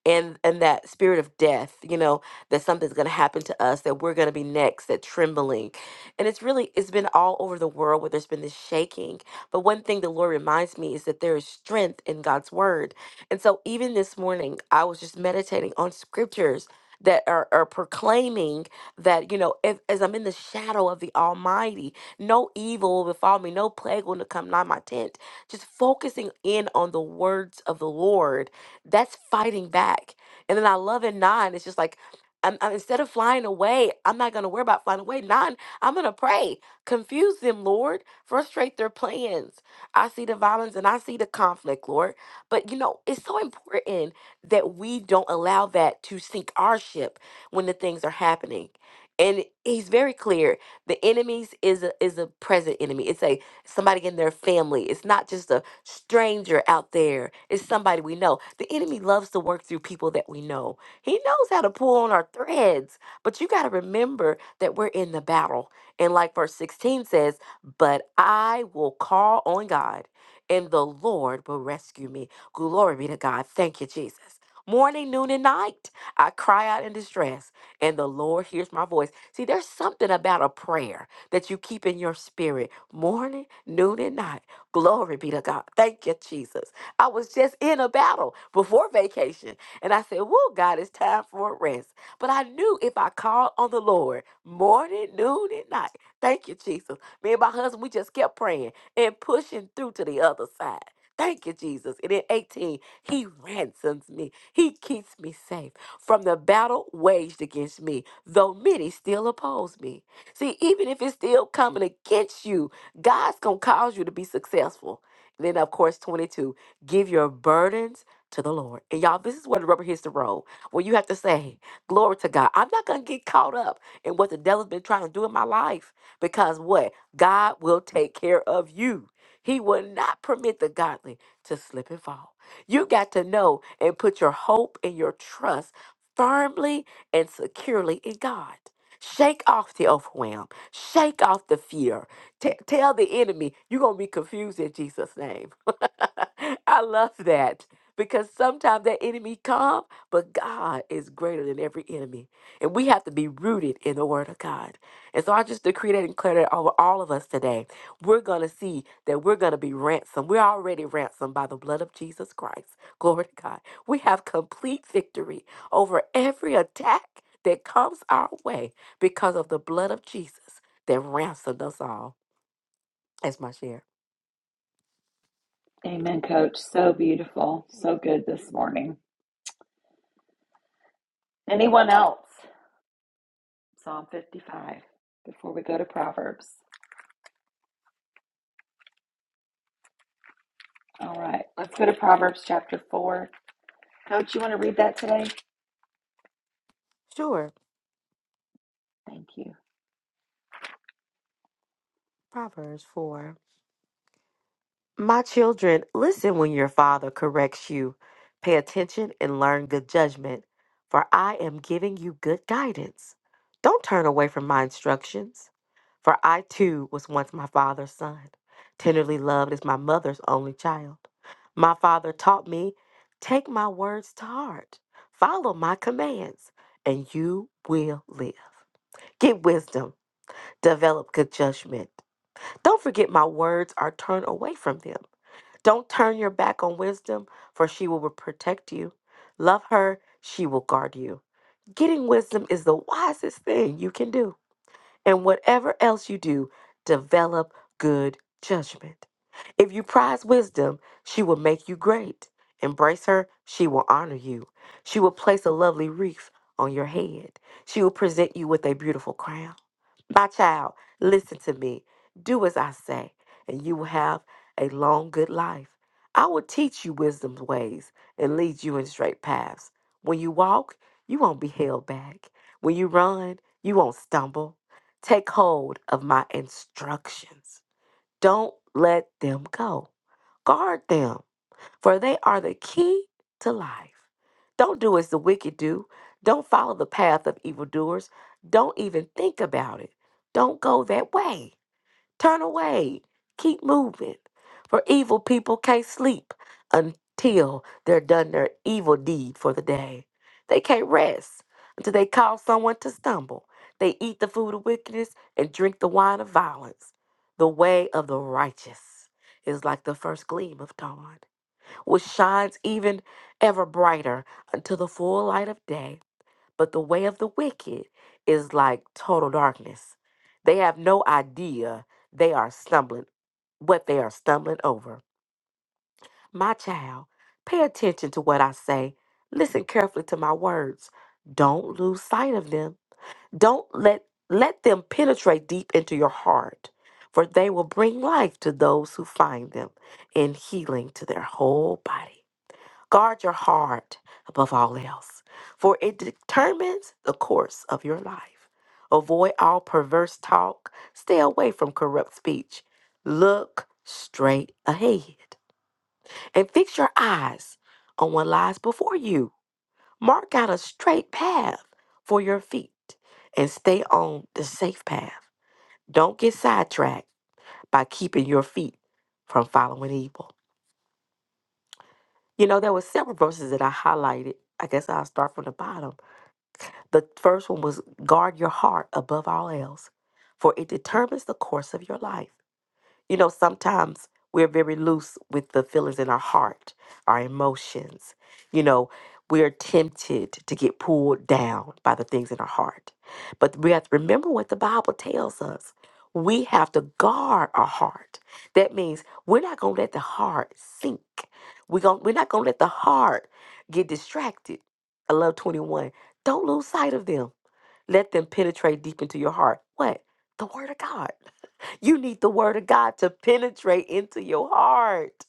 S4: and and that spirit of death you know that something's going to happen to us that we're going to be next that trembling and it's really it's been all over the world where there's been this shaking but one thing the lord reminds me is that there is strength in god's word and so even this morning i was just meditating on scriptures that are, are proclaiming that you know if, as i'm in the shadow of the almighty no evil will befall me no plague will come nigh my tent just focusing in on the words of the Lord, that's fighting back. And then I love in nine, it's just like, I'm, I'm- instead of flying away, I'm not going to worry about flying away. Nine, I'm going to pray. Confuse them, Lord. Frustrate their plans. I see the violence and I see the conflict, Lord. But you know, it's so important that we don't allow that to sink our ship when the things are happening. And he's very clear. The enemies is a, is a present enemy. It's a somebody in their family. It's not just a stranger out there, it's somebody we know. The enemy loves to work through people that we know. He knows how to pull on our threads, but you got to remember that we're in the battle. And like verse 16 says, But I will call on God, and the Lord will rescue me. Glory be to God. Thank you, Jesus. Morning, noon, and night, I cry out in distress, and the Lord hears my voice. See, there's something about a prayer that you keep in your spirit morning, noon, and night. Glory be to God. Thank you, Jesus. I was just in a battle before vacation, and I said, Whoa, God, it's time for a rest. But I knew if I called on the Lord morning, noon, and night, thank you, Jesus. Me and my husband, we just kept praying and pushing through to the other side. Thank you, Jesus. And in 18, he ransoms me. He keeps me safe from the battle waged against me, though many still oppose me. See, even if it's still coming against you, God's going to cause you to be successful. And then, of course, 22, give your burdens to the Lord. And y'all, this is where the rubber hits the road, where you have to say, Glory to God. I'm not going to get caught up in what the devil's been trying to do in my life because what? God will take care of you. He will not permit the godly to slip and fall. You got to know and put your hope and your trust firmly and securely in God. Shake off the overwhelm. Shake off the fear. T- tell the enemy, you're going to be confused in Jesus' name. I love that because sometimes that enemy come, but God is greater than every enemy. And we have to be rooted in the word of God. And so I just decree that and declare that over all of us today. We're going to see that we're going to be ransomed. We're already ransomed by the blood of Jesus Christ. Glory to God. We have complete victory over every attack that comes our way because of the blood of Jesus that ransomed us all. That's my share.
S1: Amen, coach. So beautiful. So good this morning. Anyone else? Psalm 55 before we go to Proverbs. All right, let's go to Proverbs chapter 4. Coach, you want to read that today?
S4: Sure.
S1: Thank you.
S4: Proverbs 4. My children, listen when your father corrects you. Pay attention and learn good judgment, for I am giving you good guidance. Don't turn away from my instructions, for I too was once my father's son, tenderly loved as my mother's only child. My father taught me, take my words to heart, follow my commands, and you will live. Get wisdom, develop good judgment. Don't forget my words or turn away from them. Don't turn your back on wisdom, for she will protect you. Love her, she will guard you. Getting wisdom is the wisest thing you can do. And whatever else you do, develop good judgment. If you prize wisdom, she will make you great. Embrace her, she will honor you. She will place a lovely wreath on your head. She will present you with a beautiful crown. My child, listen to me. Do as I say, and you will have a long, good life. I will teach you wisdom's ways and lead you in straight paths. When you walk, you won't be held back. When you run, you won't stumble. Take hold of my instructions. Don't let them go. Guard them for they are the key to life. Don't do as the wicked do. Don't follow the path of evildoers. Don't even think about it. Don't go that way. Turn away. Keep moving. For evil people can't sleep until they're done their evil deed for the day. They can't rest until they cause someone to stumble. They eat the food of wickedness and drink the wine of violence. The way of the righteous is like the first gleam of dawn which shines even ever brighter until the full light of day. But the way of the wicked is like total darkness. They have no idea they are stumbling, what they are stumbling over. My child, pay attention to what I say. Listen carefully to my words. Don't lose sight of them. Don't let let them penetrate deep into your heart, for they will bring life to those who find them and healing to their whole body. Guard your heart above all else, for it determines the course of your life. Avoid all perverse talk, stay away from corrupt speech. Look straight ahead and fix your eyes on what lies before you. Mark out a straight path for your feet and stay on the safe path. Don't get sidetracked by keeping your feet from following evil. You know, there were several verses that I highlighted. I guess I'll start from the bottom The first one was guard your heart above all else, for it determines the course of your life. You know, sometimes we're very loose with the feelings in our heart, our emotions. You know, we're tempted to get pulled down by the things in our heart. But we have to remember what the Bible tells us. We have to guard our heart. That means we're not going to let the heart sink. We're, going we're not going to let the heart get distracted. I love 21. Don't lose sight of them. Let them penetrate deep into your heart. What? The Word of God. You need the word of God to penetrate into your heart.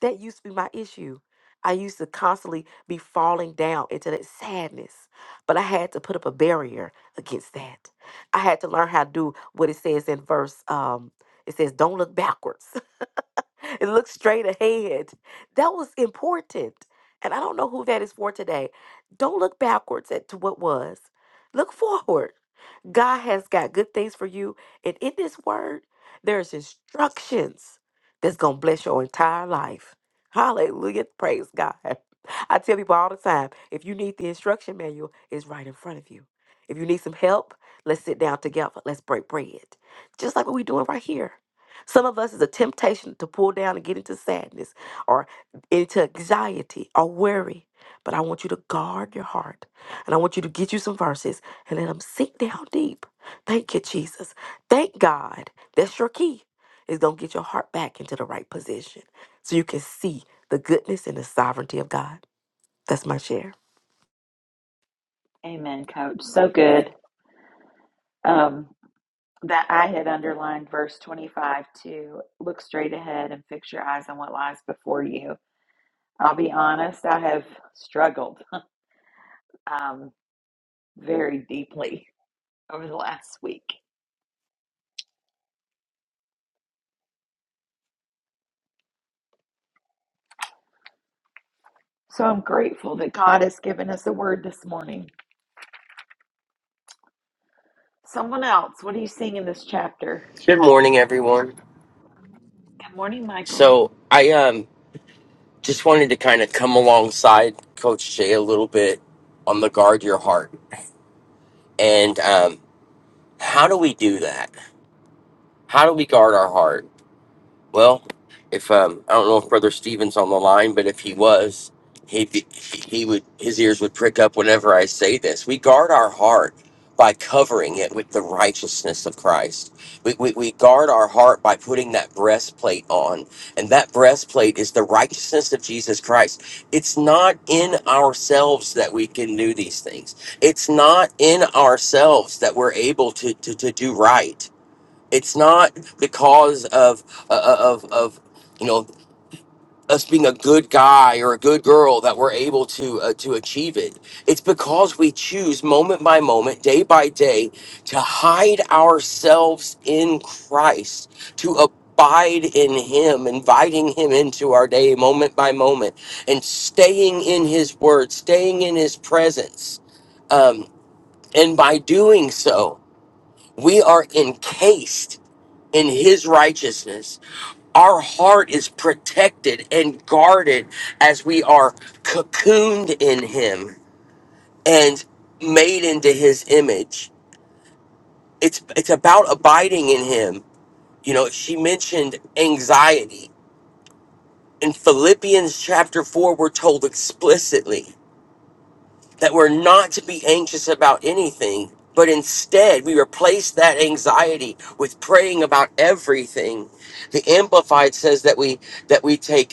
S4: That used to be my issue. I used to constantly be falling down into that sadness, but I had to put up a barrier against that. I had to learn how to do what it says in verse. Um, it says, "Don't look backwards; it looks straight ahead." That was important, and I don't know who that is for today. Don't look backwards at to what was. Look forward God has got good things for you. And in this word, there's instructions that's going to bless your entire life. Hallelujah. Praise God. I tell people all the time if you need the instruction manual, it's right in front of you. If you need some help, let's sit down together. Let's break bread. Just like what we're doing right here. Some of us is a temptation to pull down and get into sadness or into anxiety or worry. But I want you to guard your heart and I want you to get you some verses and let them sink down deep. Thank you, Jesus. Thank God. That's your key. It's going to get your heart back into the right position so you can see the goodness and the sovereignty of God. That's my share.
S1: Amen, Coach. So good. Um, that I had underlined verse 25 to look straight ahead and fix your eyes on what lies before you. I'll be honest, I have struggled um, very deeply over the last week. So I'm grateful that God has given us a word this morning. Someone else, what are you seeing in this chapter?
S6: Good morning, everyone.
S1: Good morning, Michael.
S6: So I um just wanted to kind of come alongside Coach Jay a little bit on the guard your heart and um how do we do that? How do we guard our heart? Well, if um, I don't know if Brother Stevens on the line, but if he was, he he would his ears would prick up whenever I say this. We guard our heart by covering it with the righteousness of Christ. We, we, we guard our heart by putting that breastplate on, and that breastplate is the righteousness of Jesus Christ. It's not in ourselves that we can do these things. It's not in ourselves that we're able to to, to do right it's not because of uh, uh, of of you know us being a good guy or a good girl that we're able to uh, to achieve it. It's because we choose moment by moment, day by day, to hide ourselves in Christ, to abide in Him, inviting Him into our day, moment by moment, and staying in His Word, staying in His presence. Um, and by doing so, we are encased in his righteousness. Our heart is protected and guarded as we are cocooned in him and made into his image. It's it's about abiding in him. You know, she mentioned anxiety. In Philippians chapter 4, we're told explicitly that we're not to be anxious about anything, but instead we replace that anxiety with praying about everything. The amplified says that we that we take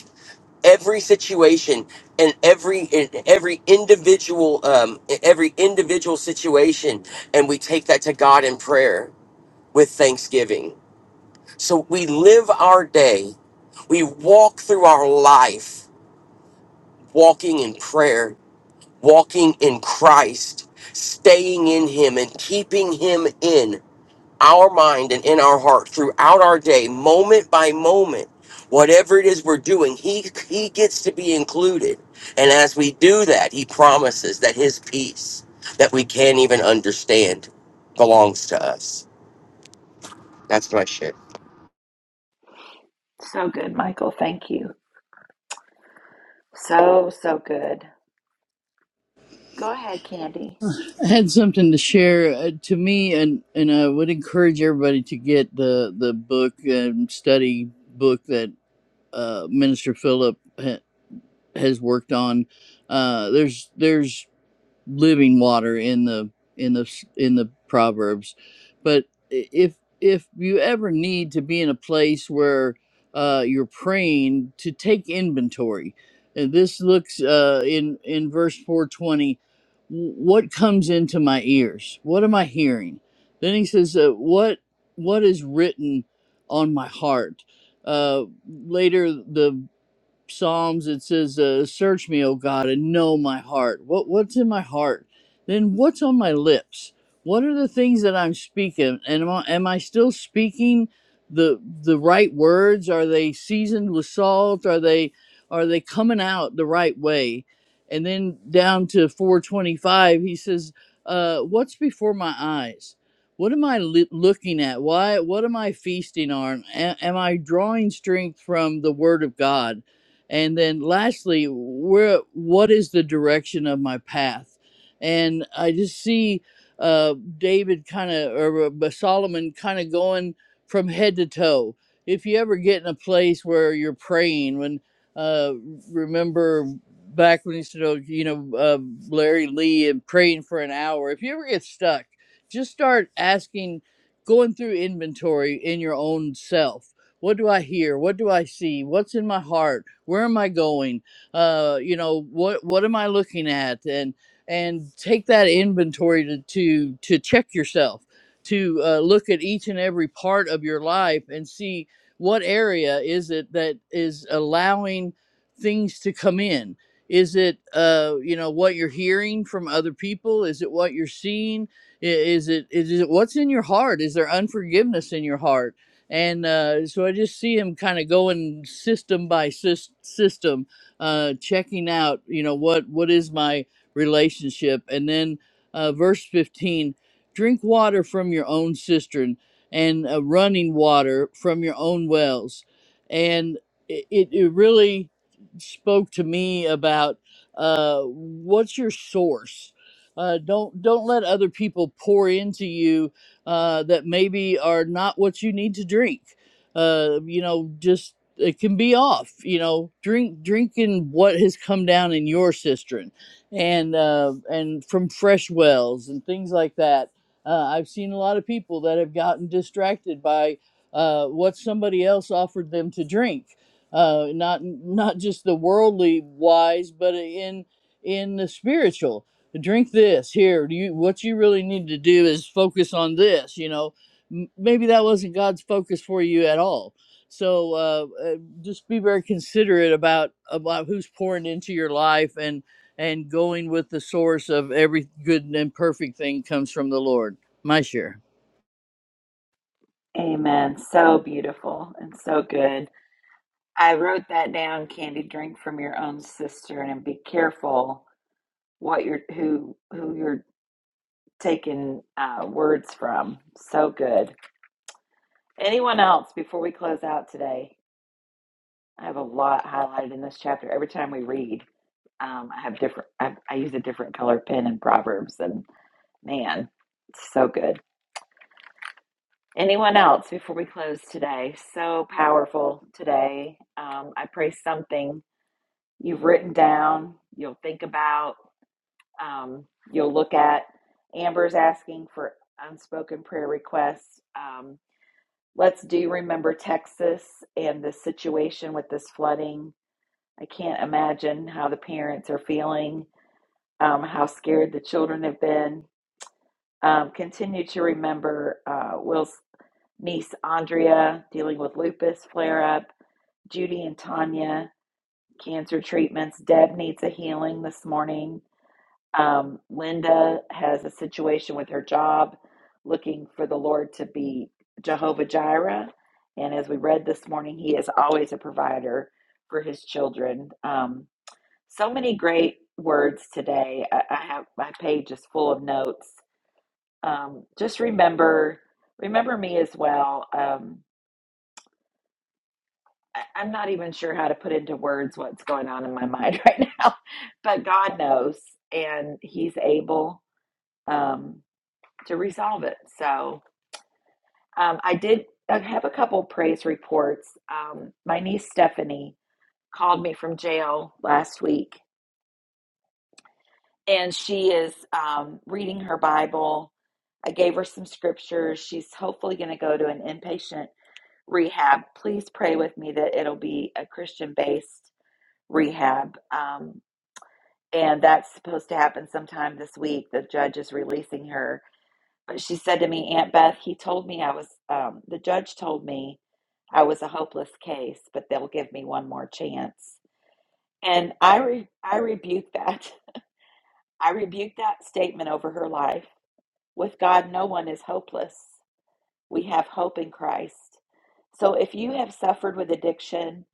S6: every situation and every in every individual um in every individual situation and we take that to God in prayer with thanksgiving so we live our day we walk through our life walking in prayer walking in Christ staying in him and keeping him in our mind and in our heart throughout our day, moment by moment, whatever it is we're doing, he he gets to be included. And as we do that, he promises that his peace that we can't even understand belongs to us. That's my shit.
S1: So good, Michael. Thank you. So, so good. Go ahead, Candy.
S3: I had something to share uh, to me, and and I would encourage everybody to get the the book and study book that uh, Minister Philip ha- has worked on. Uh, there's there's living water in the in the in the proverbs but if if you ever need to be in a place where uh, you're praying to take inventory and this looks uh, in in verse 420 what comes into my ears what am i hearing then he says uh, what what is written on my heart uh, later the Psalms it says, uh, "Search me, O God, and know my heart. What what's in my heart? Then what's on my lips? What are the things that I'm speaking? And am I, am I still speaking the the right words? Are they seasoned with salt? Are they are they coming out the right way?" And then down to 425, he says, uh, "What's before my eyes? What am I li- looking at? Why? What am I feasting on? A- am I drawing strength from the Word of God?" and then lastly where what is the direction of my path and i just see uh david kind of or uh, solomon kind of going from head to toe if you ever get in a place where you're praying when uh remember back when you used to know you know uh, larry lee and praying for an hour if you ever get stuck just start asking going through inventory in your own self what do i hear what do i see what's in my heart where am i going uh you know what what am i looking at and and take that inventory to to to check yourself to uh, look at each and every part of your life and see what area is it that is allowing things to come in is it uh you know what you're hearing from other people is it what you're seeing I- is it is it what's in your heart is there unforgiveness in your heart and uh, so I just see him kind of going system by sys- system, uh, checking out, you know, what what is my relationship, and then uh, verse fifteen: drink water from your own cistern and uh, running water from your own wells, and it, it it really spoke to me about uh, what's your source. Uh, don't don't let other people pour into you uh, that maybe are not what you need to drink. Uh, you know, just it can be off. You know, drink drinking what has come down in your cistern, and uh, and from fresh wells and things like that. Uh, I've seen a lot of people that have gotten distracted by uh, what somebody else offered them to drink. Uh, not not just the worldly wise, but in in the spiritual drink this here do you what you really need to do is focus on this you know M- maybe that wasn't god's focus for you at all so uh, uh, just be very considerate about about who's pouring into your life and and going with the source of every good and perfect thing comes from the lord my share
S1: Amen. So beautiful and so good. I wrote that down, Candy. Drink from your own cistern and be careful what you're who who you're taking uh, words from. So good. Anyone else before we close out today? I have a lot highlighted in this chapter. Every time we read, um, I have different. I, I use a different color pen in Proverbs, and man, it's so good. Anyone else before we close today? So powerful today. Um, I pray something you've written down, you'll think about, um, you'll look at. Amber's asking for unspoken prayer requests. Um, let's do remember Texas and the situation with this flooding. I can't imagine how the parents are feeling, um, how scared the children have been. Um, continue to remember uh, Will's niece Andrea dealing with lupus flare up, Judy and Tanya cancer treatments. Deb needs a healing this morning. Um, Linda has a situation with her job, looking for the Lord to be Jehovah Jireh. And as we read this morning, He is always a provider for His children. Um, so many great words today. I, I have my page is full of notes. Um, just remember, remember me as well. Um, I- I'm not even sure how to put into words what's going on in my mind right now, but God knows, and He's able um, to resolve it. So um, I did I have a couple praise reports. Um, my niece Stephanie called me from jail last week, and she is um, reading her Bible. I gave her some scriptures. She's hopefully going to go to an inpatient rehab. Please pray with me that it'll be a Christian based rehab. Um, and that's supposed to happen sometime this week. The judge is releasing her. But she said to me, Aunt Beth, he told me I was, um, the judge told me I was a hopeless case, but they'll give me one more chance. And I, re- I rebuked that. I rebuked that statement over her life. With God, no one is hopeless. We have hope in Christ. So if you have suffered with addiction,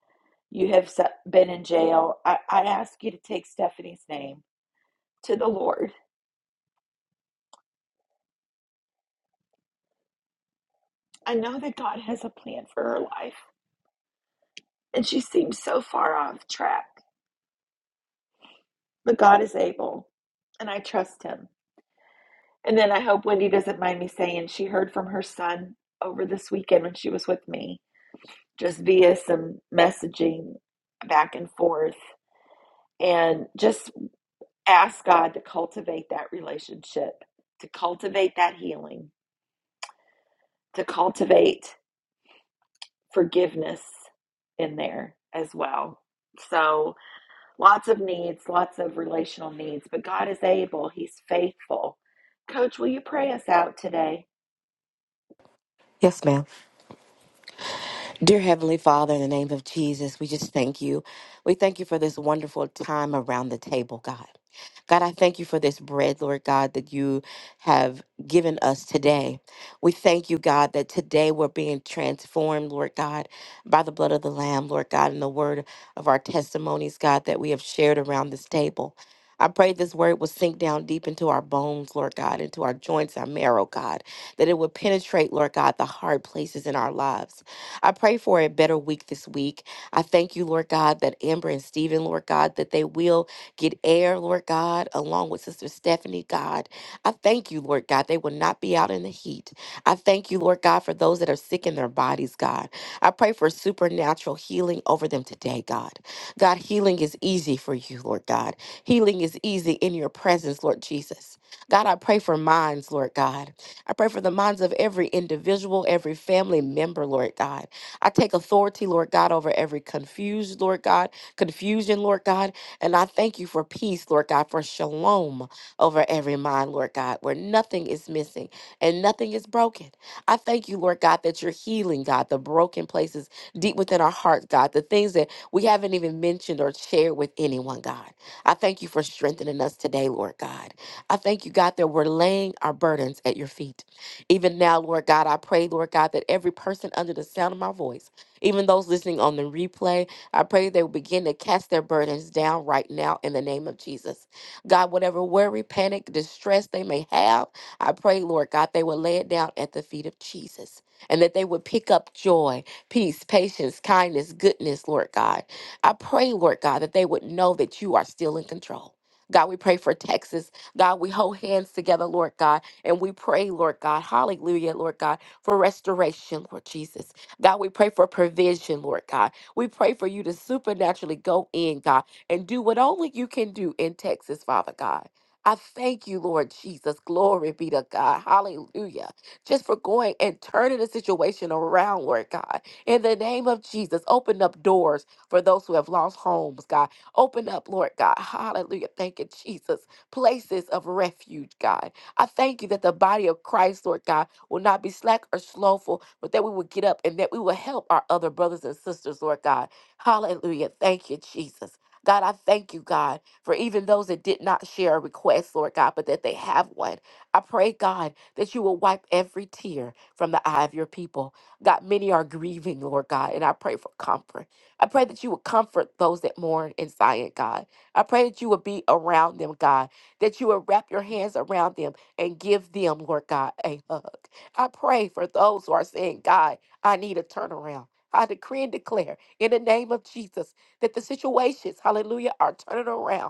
S1: you have su- been in jail, I, I ask you to take Stephanie's name to the Lord I know that God has a plan for her life, and she seems so far off track, but God is able, and I trust Him. And then I hope Wendy doesn't mind me saying she heard from her son over this weekend when she was with me, just via some messaging back and forth, and just ask God to cultivate that relationship, to cultivate that healing, to cultivate forgiveness in there as well. So, Lots of needs, lots of relational needs, but God is able. He's faithful. Coach, will you pray us out today?
S4: Yes, ma'am. Dear Heavenly Father, in the name of Jesus, we just thank you. We thank you for this wonderful time around the table, God. God, I thank you for this bread, Lord God, that you have given us today. We thank you, God, that today we're being transformed, Lord God, by the blood of the Lamb, Lord God, and the word of our testimonies, God, that we have shared around this table. I pray this word will sink down deep into our bones, Lord God, into our joints, our marrow, God, that it would penetrate, Lord God, the hard places in our lives. I pray for a better week this week. I thank you, Lord God, that Amber and Stephen, Lord God, that they will Get air, Lord God, along with Sister Stephanie, God. I thank you, Lord God. They will not be out in the heat. I thank you, Lord God, for those that are sick in their bodies, God. I pray for supernatural healing over them today, God. God, healing is easy for you, Lord God. Healing is easy in your presence, Lord Jesus. God, I pray for minds, Lord God. I pray for the minds of every individual, every family member, Lord God. I take authority, Lord God, over every confused, Lord God, confusion, Lord God. And I thank you for peace, Lord God, for shalom over every mind, Lord God, where nothing is missing and nothing is broken. I thank you, Lord God, that you're healing, God, the broken places deep within our hearts, God, the things that we haven't even mentioned or shared with anyone, God. I thank you for strengthening us today, Lord God. I thank you, God, that we're laying our burdens at your feet. Even now, Lord God, I pray, Lord God, that every person under the sound of my voice, even those listening on the replay, I pray they will begin to cast their burdens down right now in the name of Jesus. God, whatever worry, panic, distress they may have, I pray, Lord God, they will lay it down at the feet of Jesus and that they would pick up joy, peace, patience, kindness, goodness, Lord God. I pray, Lord God, that they would know that you are still in control. God, we pray for Texas. God, we hold hands together, Lord God, and we pray, Lord God, hallelujah, Lord God, for restoration, Lord Jesus. God, we pray for provision, Lord God. We pray for you to supernaturally go in, God, and do what only you can do in Texas, Father God. I thank you, Lord Jesus. Glory be to God. Hallelujah. Just for going and turning the situation around, Lord God. In the name of Jesus, open up doors for those who have lost homes, God. Open up, Lord God. Hallelujah. Thank you, Jesus. Places of refuge, God. I thank you that the body of Christ, Lord God, will not be slack or slowful, but that we will get up and that we will help our other brothers and sisters, Lord God. Hallelujah. Thank you, Jesus. God, I thank you, God, for even those that did not share a request, Lord God, but that they have one. I pray, God, that you will wipe every tear from the eye of your people. God, many are grieving, Lord God, and I pray for comfort. I pray that you will comfort those that mourn in Zion, God. I pray that you will be around them, God, that you will wrap your hands around them and give them, Lord God, a hug. I pray for those who are saying, God, I need a turnaround. I decree and declare in the name of Jesus that the situations, hallelujah, are turning around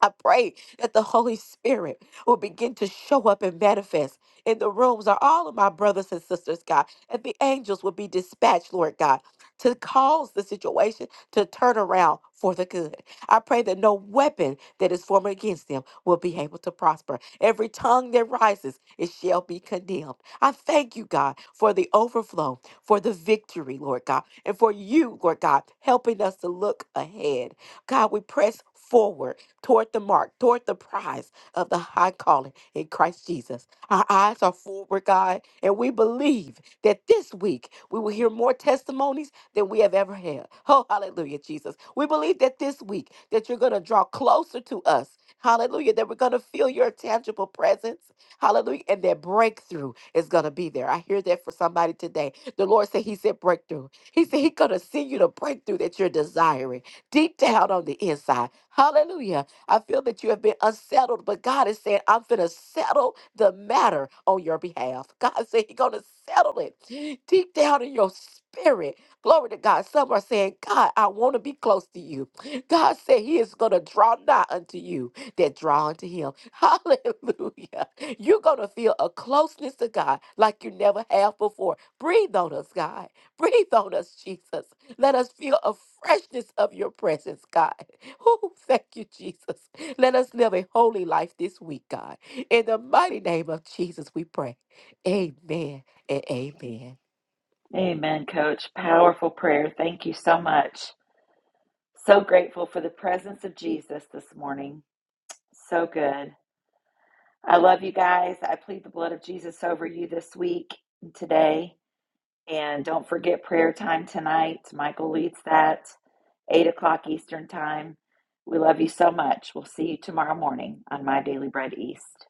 S4: I pray that the Holy Spirit will begin to show up and manifest in the rooms of all of my brothers and sisters, God, and the angels will be dispatched, Lord God, to cause the situation to turn around for the good. I pray that no weapon that is formed against them will be able to prosper. Every tongue that rises, it shall be condemned. I thank you, God, for the overflow, for the victory, Lord God, and for you, Lord God, helping us to look ahead. God, we press forward toward the mark, toward the prize of the high calling in Christ Jesus. Our eyes are forward, God, and we believe that this week we will hear more testimonies than we have ever had. Oh, hallelujah, Jesus. We believe that this week that you're going to draw closer to us. Hallelujah, that we're going to feel your tangible presence. Hallelujah, and that breakthrough is going to be there. I hear that for somebody today. The Lord said he said breakthrough. He said he's going to send you the breakthrough that you're desiring deep down on the inside. Hallelujah. I feel that you have been unsettled, but God is saying, I'm going to settle the matter on your behalf. God said He's going to settle it deep down in your spirit. Glory to God. Some are saying, God, I want to be close to you. God said He is going to draw nigh unto you that draw unto Him. Hallelujah. You're going to feel a closeness to God like you never have before. Breathe on us, God. Breathe on us, Jesus. Let us feel a freshness of your presence, God. Oh, thank you, Jesus. Let us live a holy life this week, God. In the mighty name of Jesus, we pray. Amen and amen.
S1: Amen, Coach. Powerful prayer. Thank you so much. So grateful for the presence of Jesus this morning. So good. I love you guys. I plead the blood of Jesus over you this week and today. And don't forget prayer time tonight. Michael leads that, 8 o'clock Eastern Time. We love you so much. We'll see you tomorrow morning on My Daily Bread East.